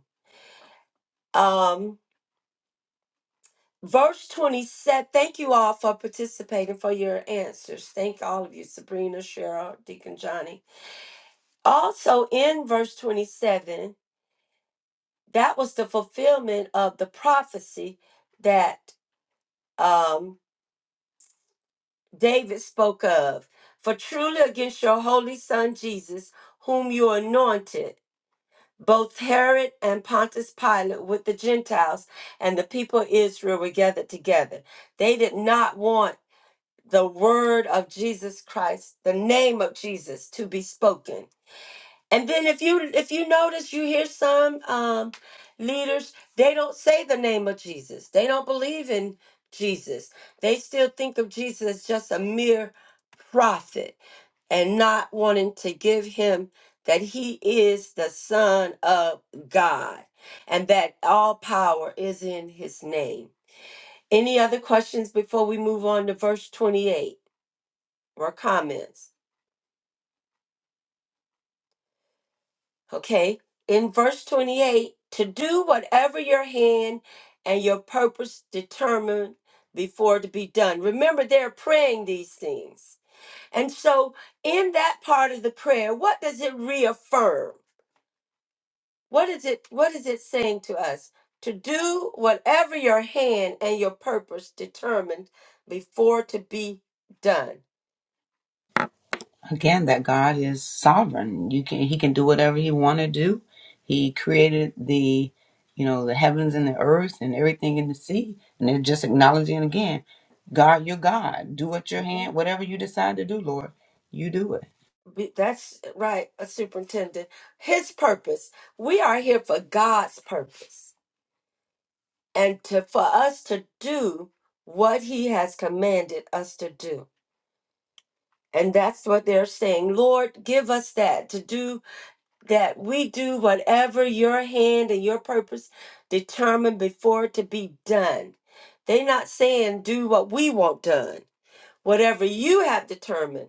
Speaker 1: Um, verse 20 said, Thank you all for participating for your answers. Thank all of you, Sabrina, Cheryl, Deacon Johnny. Also in verse 27, that was the fulfillment of the prophecy that um, David spoke of. For truly against your holy son Jesus, whom you anointed. Both Herod and Pontius Pilate with the Gentiles and the people of Israel were gathered together. They did not want the word of Jesus Christ, the name of Jesus, to be spoken and then if you if you notice you hear some um leaders, they don't say the name of Jesus. They don't believe in Jesus. They still think of Jesus as just a mere prophet and not wanting to give him that he is the son of God and that all power is in his name. Any other questions before we move on to verse 28 or comments? okay, in verse 28, to do whatever your hand and your purpose determined before to be done. Remember, they're praying these things. And so, in that part of the prayer, what does it reaffirm? What is it what is it saying to us? To do whatever your hand and your purpose determined before to be done.
Speaker 5: again that God is sovereign. You can he can do whatever he want to do. He created the you know the heavens and the earth and everything in the sea, and they're just acknowledging again, God, you're God. Do what your
Speaker 1: Okay.
Speaker 5: hand, whatever you decide to do, Lord, you do it.
Speaker 1: Be- That's right, a superintendent. His purpose. We are here for God's purpose. and to for us to do what he has commanded us to do and that's what they're saying lord give us that to do that we do whatever your hand and your purpose determined before it to be done they're not saying do what we want done whatever you have determined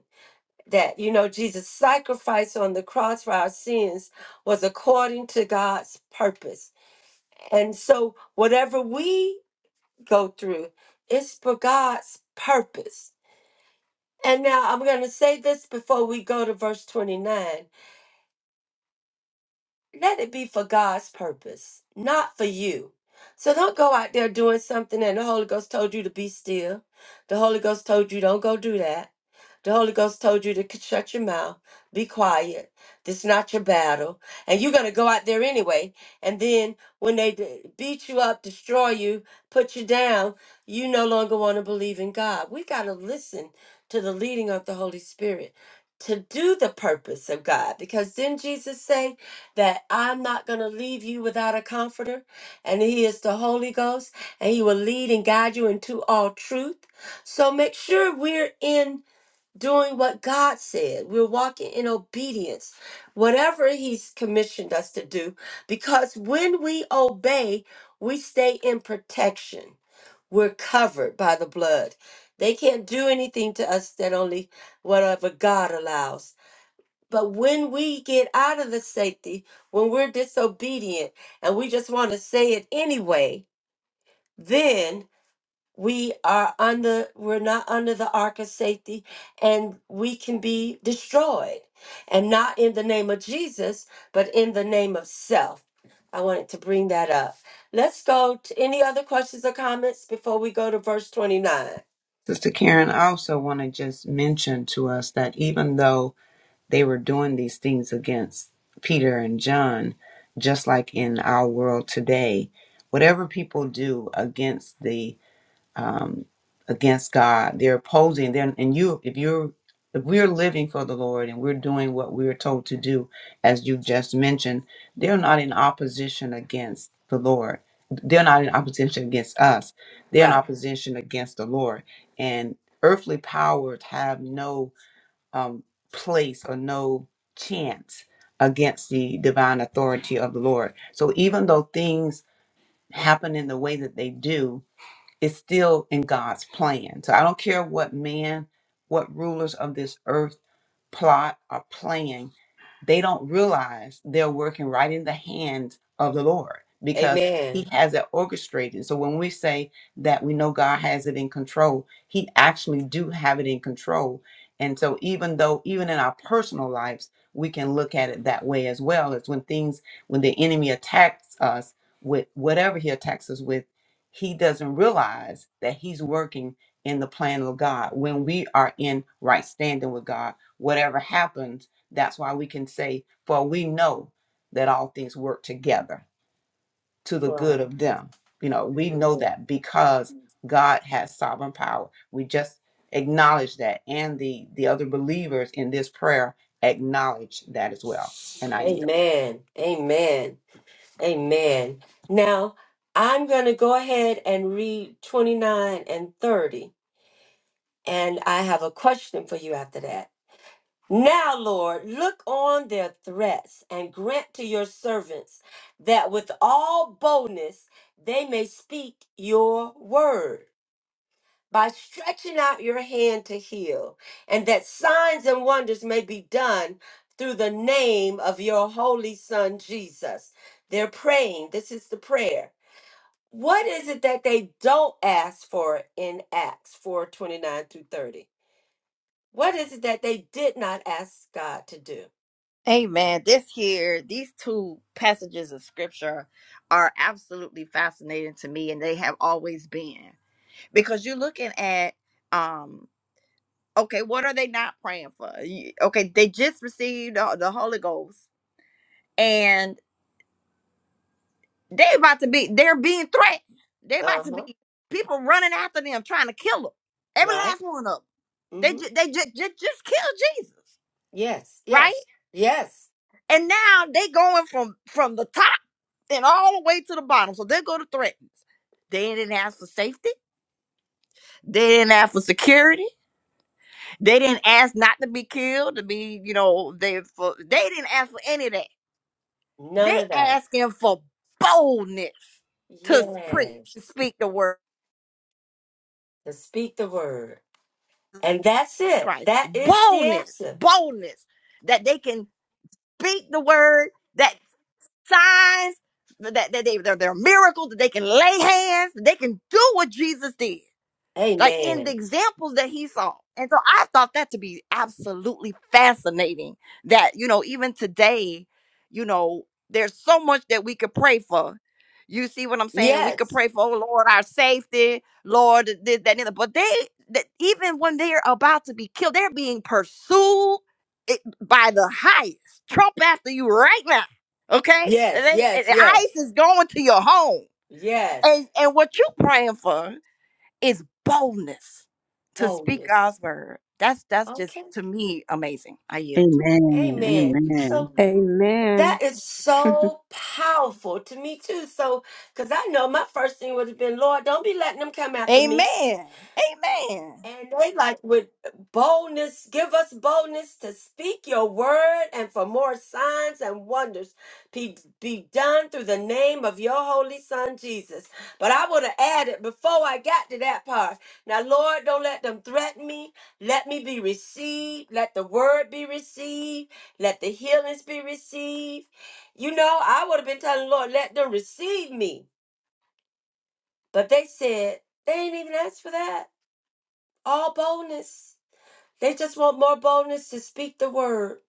Speaker 1: that you know jesus sacrifice on the cross for our sins was according to god's purpose and so whatever we go through. It's for God's purpose. And now I'm going to say this before we go to verse 29. let it be for God's purpose, not for you. So don't go out there doing something and the Holy Ghost told you to be still. The Holy Ghost told you don't go do that. The Holy Ghost told you to c- shut your mouth, be quiet. This is not your battle. And you're going to go out there anyway. And then when they d- beat you up, destroy you, put you down, you no longer want to believe in God. We got to listen to the leading of the Holy Spirit to do the purpose of God. Because didn't Jesus say, that I'm not going to leave you without a comforter, and He is the Holy Ghost, and He will lead and guide you into all truth. So make sure we're in doing what God said, we're walking in obedience, whatever He's commissioned us to do, because when we obey, we stay in protection. We're covered by the blood. They can't do anything to us that only whatever God allows. But when we get out of the safety, when we're disobedient and we just want to say it anyway, then we are under we're not under the ark of safety and we can be destroyed. And not in the name of Jesus, but in the name of self. I wanted to bring that up. Let's go to any other questions or comments before we go to verse 29.
Speaker 5: Sister Karen, I also want to just mention to us that even though they were doing these things against Peter and John, just like in our world today, whatever people do against the um, against God. They're opposing. They're and you if you're if we're living for the Lord and we're doing what we're told to do, as you just mentioned, they're not in opposition against the Lord. They're not in opposition against us. They're in
Speaker 1: Right.
Speaker 5: opposition against the Lord. And earthly powers have no um, place or no chance against the divine authority of the Lord. So even though things happen in the way that they do, it's still in God's plan. So I don't care what man, what rulers of this earth plot or plan they don't realize they're working right in the hand of the Lord because
Speaker 1: Amen.
Speaker 5: He has it orchestrated. So when we say that we know God has it in control, He actually do have it in control. And so even though even in our personal lives, we can look at it that way as well as when things when the enemy attacks us with whatever he attacks us with, he doesn't realize that he's working in the plan of God. When we are in right standing with God, whatever happens that's why we can say, for we know that all things work together to the
Speaker 1: For-
Speaker 5: good of them. You know, we know
Speaker 1: Amen.
Speaker 5: that because God has sovereign power. We just acknowledge that, and the the other believers in this prayer acknowledge that as well. And I yield.
Speaker 1: Amen. Amen. Amen. Now, I'm going to go ahead and read 29 and 30, and I have a question for you after that. Now, Lord, look on their threats and grant to your servants that with all boldness they may speak your word by stretching out your hand to heal, and that signs and wonders may be done through the name of your holy son Jesus. They're praying. This is the prayer. What is it that they don't ask for in Acts 4 29 through 30? What is it that they did not ask God to do?
Speaker 6: Amen. This year, these two passages of scripture are absolutely fascinating to me, and they have always been because you're looking at, um, okay, what are they not praying for? You- Okay, they just received the, the Holy Ghost, and they about to be, they're being threatened. They
Speaker 1: Uh
Speaker 6: about to
Speaker 1: huh.
Speaker 6: be people running after them, trying to kill them. Every
Speaker 1: Right?
Speaker 6: last one of them.
Speaker 1: Mm
Speaker 6: They
Speaker 1: hmm.
Speaker 6: ju- they just just killed Jesus,
Speaker 1: Yes,
Speaker 6: right?
Speaker 1: yes, yes.
Speaker 6: And now they going from from the top and all the way to the bottom. So they go to threatens. They didn't ask for safety. They didn't ask for security. They didn't ask not to be killed, to be, you know, they for they didn't ask for any of that. They
Speaker 1: None of that.
Speaker 6: asking for boldness to speak,
Speaker 1: Yes.
Speaker 6: speak the word
Speaker 1: To speak the word. And that's
Speaker 6: of
Speaker 1: it.
Speaker 6: Christ.
Speaker 1: That is the
Speaker 6: Boldness,
Speaker 1: answer.
Speaker 6: boldness that they can speak the word. that. signs that, that they, they're, they're miracles that they can lay hands that they can do what jesus did like in the
Speaker 1: Amen.
Speaker 6: examples that he saw. And so I thought that to be absolutely fascinating that, you know, even today, you know, there's so much that we could pray for. You see what I'm saying? We could
Speaker 1: Yes,
Speaker 6: pray for, oh Lord, our safety, Lord, this, that, and the other. But they, that even when they're about to be killed, they're being pursued it- by the highest. Trump after you right now. Okay? And
Speaker 1: yes,
Speaker 6: They, and
Speaker 1: yes, yes,
Speaker 6: ICE is going to your home.
Speaker 1: yes.
Speaker 6: And, and what you praying for it's boldness to speak
Speaker 1: Boldness.
Speaker 6: God's word. That's that's just
Speaker 1: Okay.
Speaker 6: to me amazing. I yield.
Speaker 4: amen
Speaker 1: Amen.
Speaker 4: amen
Speaker 1: So
Speaker 2: Amen.
Speaker 1: That is so powerful to me too. So, because I know my first thing would have been, Lord, don't be letting them come after me.
Speaker 6: Amen. Amen.
Speaker 1: And they like with boldness, give us boldness to speak your word and for more signs and wonders be, be done through the name of your holy son Jesus. But I would have added before I got to that part. Now, Lord, don't let them threaten me. Let me be received. Let the word be received. Let the healings be received. You know, I would have been telling Lord, let them receive me. But they said, they ain't even asked for that. All boldness. They just want more boldness to speak the word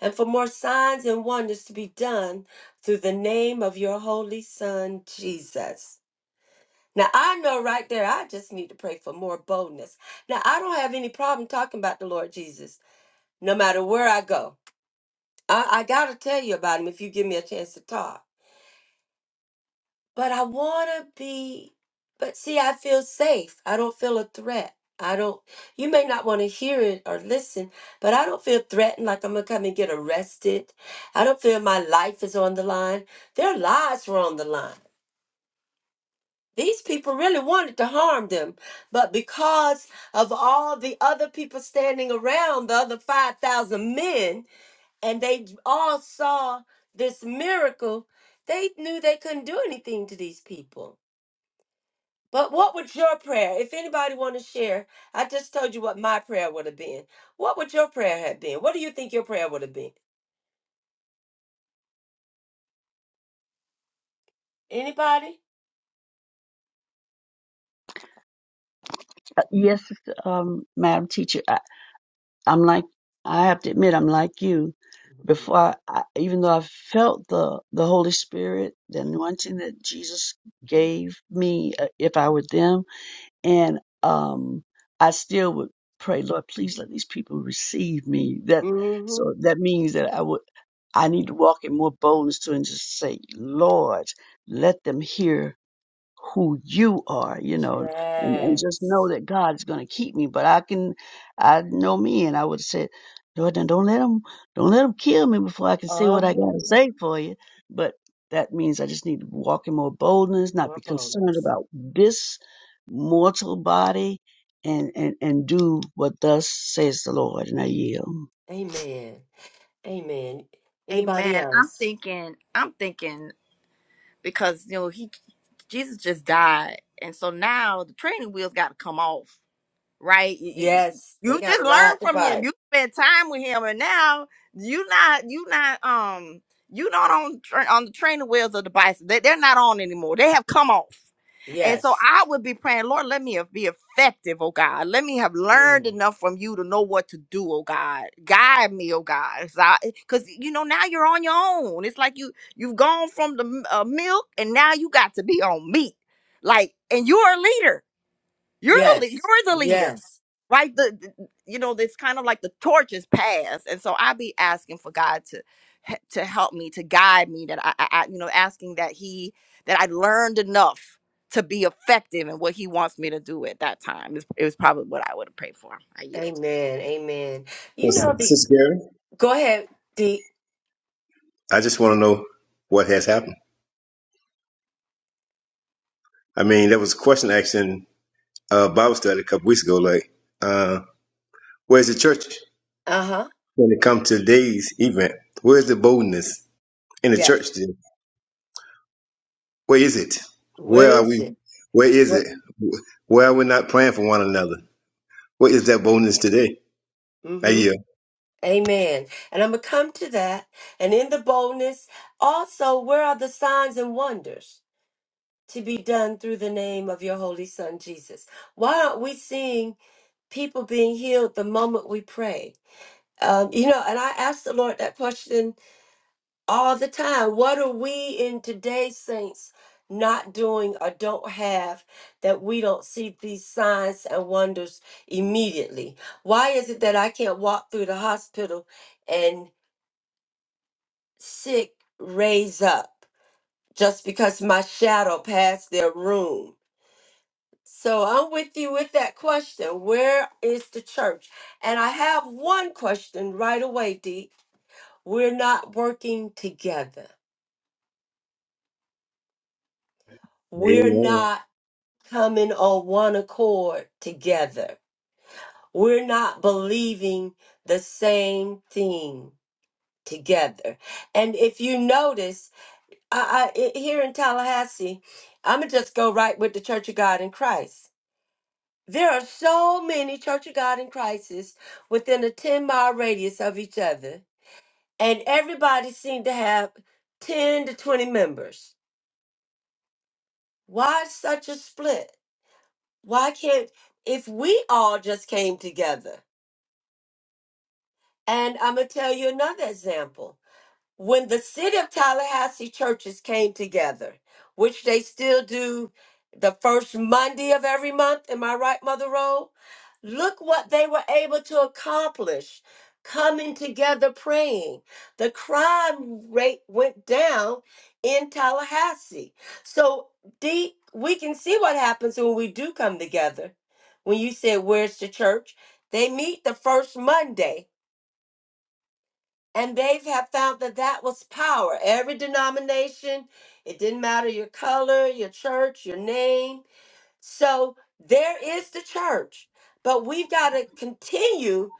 Speaker 1: and for more signs and wonders to be done through the name of your holy son, Jesus. Now, I know right there, I just need to pray for more boldness. Now, I don't have any problem talking about the Lord Jesus, no matter where I go. I, I got to tell you about him if you give me a chance to talk. But I want to be, but see, I feel safe. I don't feel a threat. I don't, you may not want to hear it or listen, but I don't feel threatened like I'm going to come and get arrested. I don't feel my life is on the line. Their lives were on the line. These people really wanted to harm them, but because of all the other people standing around, the other 5,000 men, and they all saw this miracle, they knew they couldn't do anything to these people. But what would your prayer, if anybody want to share? I just told you what my prayer would have been. What would your prayer have been? What do you think your prayer would have been? Anybody?
Speaker 4: Uh, yes um madam teacher I'm like, I have to admit, I'm like you. Before, I, I, even though I felt the the Holy Spirit, the anointing that Jesus gave me, uh, if I were them, and um, I still would pray, Lord, please let these people receive me. That
Speaker 1: Mm-hmm.
Speaker 4: so that means that I would I need to walk in more boldness to and just say, Lord, let them hear who you are, you know, and, and just know
Speaker 1: Yes.
Speaker 4: that God's going to keep me. But I can, I know me, and I would have said, Lord, now don't let him, don't let him kill me before I can say what
Speaker 1: Uh-huh.
Speaker 4: I got to say for you. But that means I just need to walk in more boldness, not
Speaker 1: More
Speaker 4: be concerned
Speaker 1: boldness.
Speaker 4: about this mortal body, and and and do what thus says the Lord, and I yield.
Speaker 1: Amen. Amen. Anybody
Speaker 6: Amen. I'm
Speaker 1: else?
Speaker 6: thinking, I'm thinking because you know he Jesus just died, and so now the training wheels got to come off. right? You, you, you
Speaker 1: Yes, they got
Speaker 6: just
Speaker 1: to ride
Speaker 6: learned
Speaker 1: the
Speaker 6: from him.
Speaker 1: bike.
Speaker 6: You spent time with him, and now you not you not um you not on tra- on the training wheels of the bison. They, they're not on anymore. They have come off. And so
Speaker 1: Yes.
Speaker 6: I would be praying, Lord, let me be effective, oh God. Let me have learned
Speaker 1: Yes.
Speaker 6: enough from you to know what to do, oh God. Guide me, oh God. Because, you know, now you're on your own. It's like you, you've gone from the uh, milk and now you got to be on meat. Like, and you're a leader. You're, a lea-
Speaker 1: Yes.
Speaker 6: you're the leader
Speaker 1: Yes.
Speaker 6: right the, the- you know it's kind of like the torch is passed and so i be asking for god to he- to help me to guide me that I, I I- you know asking that he that i learned enough to be effective in what he wants me to do at that time It's- it was probably what i would have prayed for i yield
Speaker 1: Amen. Amen.
Speaker 8: Well,
Speaker 1: You know the
Speaker 8: Sister Gary?
Speaker 1: go ahead, Dee.
Speaker 8: I just want to know what has happened. I mean, there was a question asked in uh, Bible study a couple weeks ago, like, uh, where's the church?
Speaker 1: Uh-huh.
Speaker 8: when it comes to today's event? Where's the boldness in the
Speaker 1: Yes.
Speaker 8: church today? Where is it? Where
Speaker 1: Where
Speaker 8: are
Speaker 1: is
Speaker 8: we?
Speaker 1: it?
Speaker 8: Where is
Speaker 1: What
Speaker 8: it? Where are we not praying for one another? Where is that boldness today? I
Speaker 1: mm-hmm.
Speaker 8: yield.
Speaker 1: Amen. And I'm gonna come to that. And in the boldness, also where are the signs and wonders to be done through the name of your holy son Jesus? Why aren't we seeing people being healed the moment we pray? Um, you know, and I asked the Lord that question all the time. What are we in today's saints not doing or don't have that we don't see these signs and wonders immediately? Why is it that I can't walk through the hospital and sick raise up just because my shadow passed their room? So I'm with you with that question. Where is the church? And I have one question right away, Dee. We're not working together. We're
Speaker 8: Amen.
Speaker 1: not coming on one accord together. We're not believing the same thing together. And if you notice, I, I, i- here in Tallahassee, I'm going to just go right with the Church of God in Christ. There are so many Church of God in Christs within a 10 mile radius of each other, and everybody seemed to have 10 to 20 members. Why such a split? Why can't, if we all just came together? And I'm going to tell you another example. When the city of Tallahassee churches came together, which they still do the first Monday of every month, am I right, Mother Rowe? Look what they were able to accomplish coming together praying. The crime rate went down in Tallahassee. So, Dee, we can see what happens when we do come together. When you said, Where's the church? They meet the first Monday and they have found that that was power. Every denomination, it didn't matter your color, your church, your name. So there is the church. But we've got to continue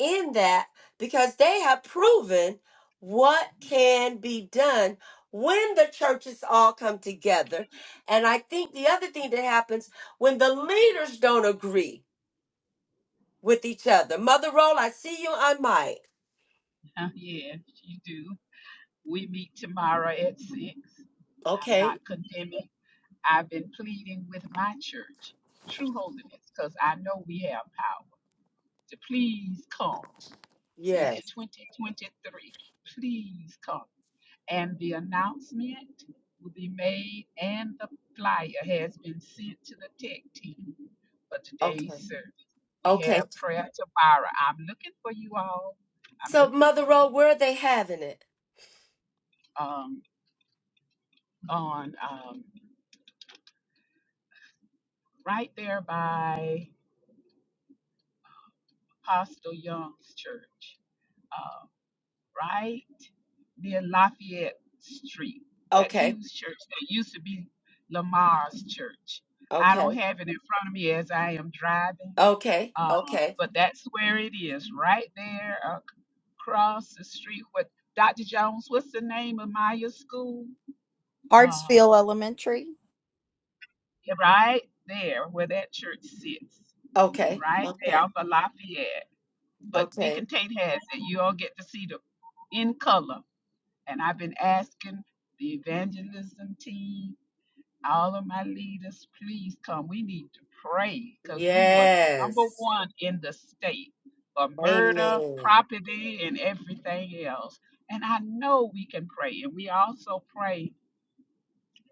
Speaker 1: in that because they have proven what can be done when the churches all come together. And I think the other thing that happens when the leaders don't agree with each other. Mother Roll, I see you on mic.
Speaker 3: yes, you do. We meet tomorrow at six. I'm
Speaker 1: Okay.
Speaker 3: not condemning. I've been pleading with my church, True Holiness, because I know we have power to please come since
Speaker 1: Yes.
Speaker 3: 2023. Please come. And the announcement will be made, and the flyer has been sent to the tech team for
Speaker 1: Okay.
Speaker 3: today's service. We
Speaker 1: Okay.
Speaker 3: have prayer tomorrow. I'm looking for you all. I'm
Speaker 1: So
Speaker 3: looking
Speaker 1: Mother
Speaker 3: for you
Speaker 1: Road, where are they having it?
Speaker 3: um, on um, right there by Apostle Young's church. uh, right near Lafayette Street, that
Speaker 1: Okay.
Speaker 3: huge church that used to be Lamar's church. I
Speaker 1: Okay.
Speaker 3: don't have it in front of me as I am driving,
Speaker 1: Okay.
Speaker 3: uh,
Speaker 1: Okay.
Speaker 3: but that's where it is, right there across the street. What Dr. Jones? What's the name of Maya School? Uh,
Speaker 6: Hartsfield Elementary.
Speaker 3: yeah, right there where that church sits,
Speaker 1: Okay.
Speaker 3: right there
Speaker 1: Okay.
Speaker 3: off of Lafayette. But
Speaker 1: Okay.
Speaker 3: Deacon Tate has it. You all get to see the in color And I've been asking the evangelism team, all of my leaders, please come. We need to pray because we were number
Speaker 1: Yes.
Speaker 3: one in the state for murder,
Speaker 1: Amen.
Speaker 3: property, and everything else. And I know we and we so pray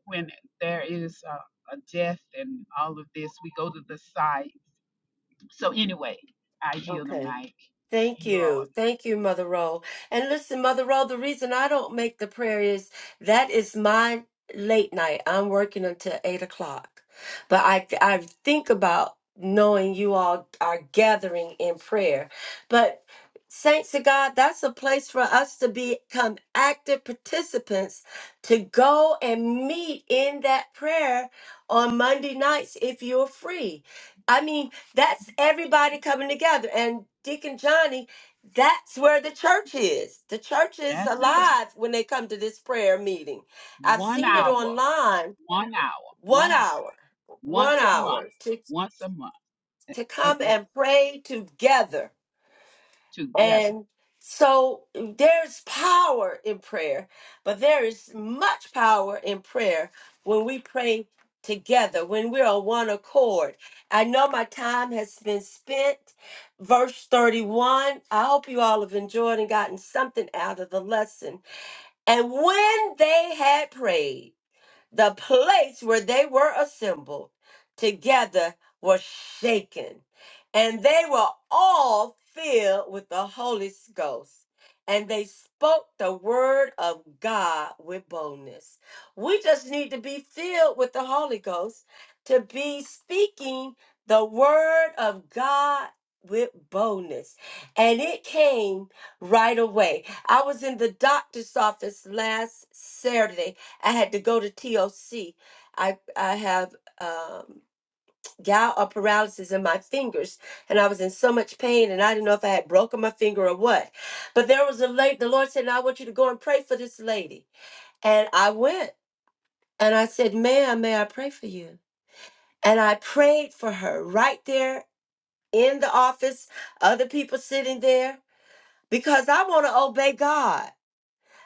Speaker 3: when there is a, a death and all of this. We go to the site. So anyway, I yield the
Speaker 1: Okay.
Speaker 3: mic.
Speaker 1: Thank
Speaker 3: You all,
Speaker 1: you. Thank you, Mother Roll. And listen, Mother Roll, the reason I don't make the prayer is that is my late night. I'm working until eight o'clock. But I I think about knowing you all are gathering in prayer. But Saints of God, that's a place for us to become active participants to go and meet in that prayer on Monday nights if you're free. I mean, that's everybody coming together. And Deacon Johnny, that's where the church is. The church is
Speaker 3: that's it.
Speaker 1: alive when they come to this prayer meeting. I've
Speaker 3: One
Speaker 1: seen it
Speaker 3: hour,
Speaker 1: online.
Speaker 3: one hour,
Speaker 1: One
Speaker 3: one hour,
Speaker 1: hour, one
Speaker 3: once a month,
Speaker 1: hour to,
Speaker 3: once a month.
Speaker 1: to
Speaker 3: and
Speaker 1: come
Speaker 3: it
Speaker 1: and pray together
Speaker 3: together.
Speaker 1: and so there's power in prayer, but there is much power in prayer when we pray together, when we're on one accord. I know my time has been spent. Verse 31. I hope you all have enjoyed and gotten something out of the lesson. And when they had prayed, the place where they were assembled together was shaken, and they were all filled with the Holy Ghost. And they spoke the word of God with boldness. We just need to be filled with the Holy Ghost to be speaking the word of God with boldness. And it came right away. I was in the doctor's office last Saturday I had to go to TOC. I I have um, gout or paralysis in my fingers, and I was in so much pain, and I didn't know if I had broken my finger or what. But there was a lady. The Lord said, "Now "I want you to go and pray for this lady," and I went, and I said, "Ma'am, may I pray for you?" And I prayed for her right there in the office. Other people sitting there because I want to obey God.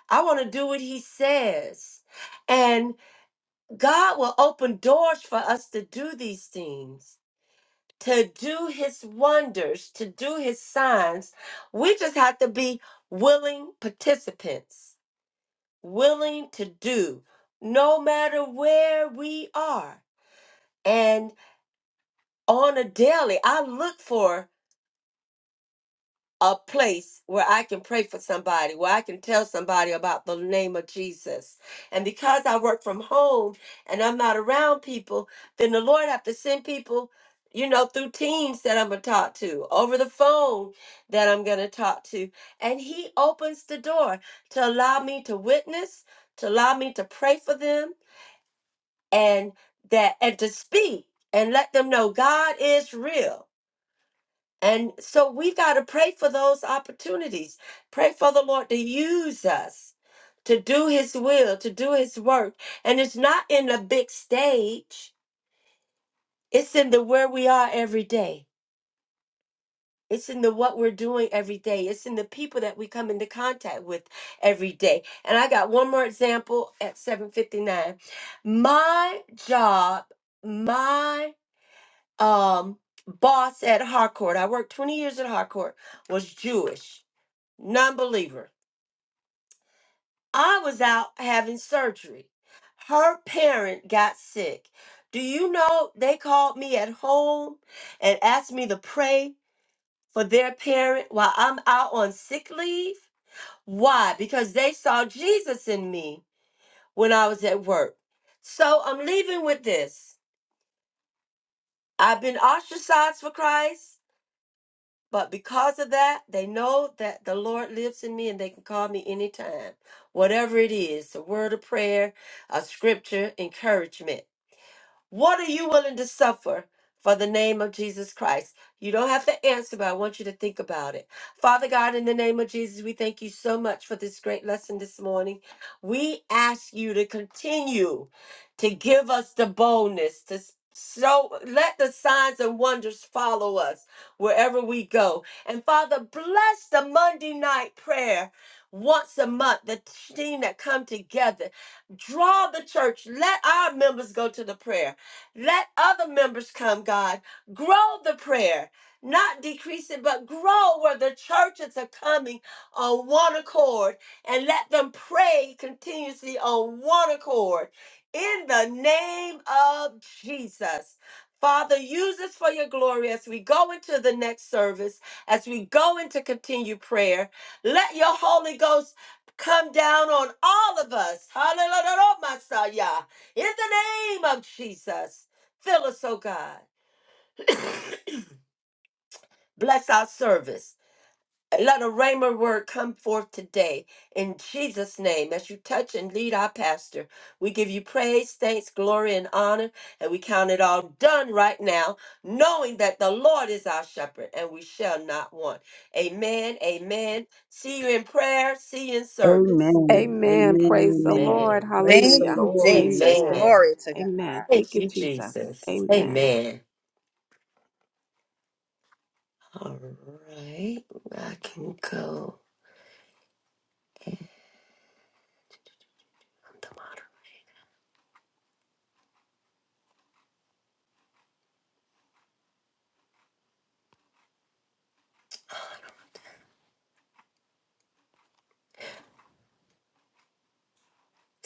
Speaker 1: I want to do what He says, and. God will open doors for us to do these things, to do his wonders, to do his signs. We just have to be willing participants, willing to do, no matter where we are. And on a daily, I look for a place where I can pray for somebody, where I can tell somebody about the name of Jesus. And because I work from home and I'm not around people, then the Lord have to send people, you know, through teams that I'm gonna talk to, over the phone that I'm gonna talk to. And he opens the door to allow me to witness, to allow me to pray for them and that and to speak and let them know God is real and so we got to pray for those opportunities. Pray for the Lord to use us to do his will, to do his work. And it's not in a big stage, it's in the where we are every day. It's in the what we're doing every day. It's in the people that we come into contact with every day. And I got one more example at 759. My job, my um boss at Harcourt, I worked 20 years at Harcourt, was Jewish. non-believer i was out having surgery her parent got sick do you know they called me at home and asked me to pray for their parent while i'm out on sick leave why because they saw jesus in me when i was at work so i'm leaving with this i've been ostracized for christ But because of that, they know that the Lord lives in me and they can call me anytime. Whatever it is, a word of prayer, a scripture, encouragement. What are you willing to suffer for the name of Jesus Christ? You don't have to answer, but I want you to think about it. Father God, in the name of Jesus, we thank you so much for this great lesson this morning. We ask you to continue to give us the boldness to s- so let the signs and wonders follow us wherever we go. And Father, bless the Monday night prayer once a month, the team that come together draw the church let our members go to the prayer let other members come, God. Grow the prayer, not decrease it, but grow where the churches are coming on one accord and let them pray continuously on one accord. In the name of Jesus. Father, use us for your glory as we go into the next service, as we go into continued prayer. Let your Holy Ghost come down on all of us. Hallelujah, Messiah. In the name of Jesus. Fill us, oh God. Bless our service. Let a rhema word come forth today in Jesus' name as you touch and lead our pastor. We give you praise, thanks, glory, and honor, and we count it all done right now, knowing that the Lord is our shepherd and we shall not want. Amen. Amen. See you in prayer. See you in
Speaker 4: Amen.
Speaker 1: service.
Speaker 4: Amen.
Speaker 2: Amen. Praise the
Speaker 4: Amen.
Speaker 2: Lord.
Speaker 1: Amen.
Speaker 4: Praise the
Speaker 6: Thank
Speaker 2: Hallelujah.
Speaker 6: you,
Speaker 4: Lord.
Speaker 6: Jesus.
Speaker 2: Amen.
Speaker 1: Amen.
Speaker 6: Glory to God.
Speaker 2: Amen. Thank
Speaker 1: Thank
Speaker 2: you,
Speaker 1: you,
Speaker 2: Jesus.
Speaker 1: Jesus.
Speaker 2: Amen.
Speaker 1: Amen. All right. I can go.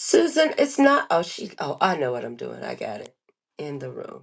Speaker 1: Susan, it's not. Oh, she. Oh, I know what I'm doing. I got it in the room.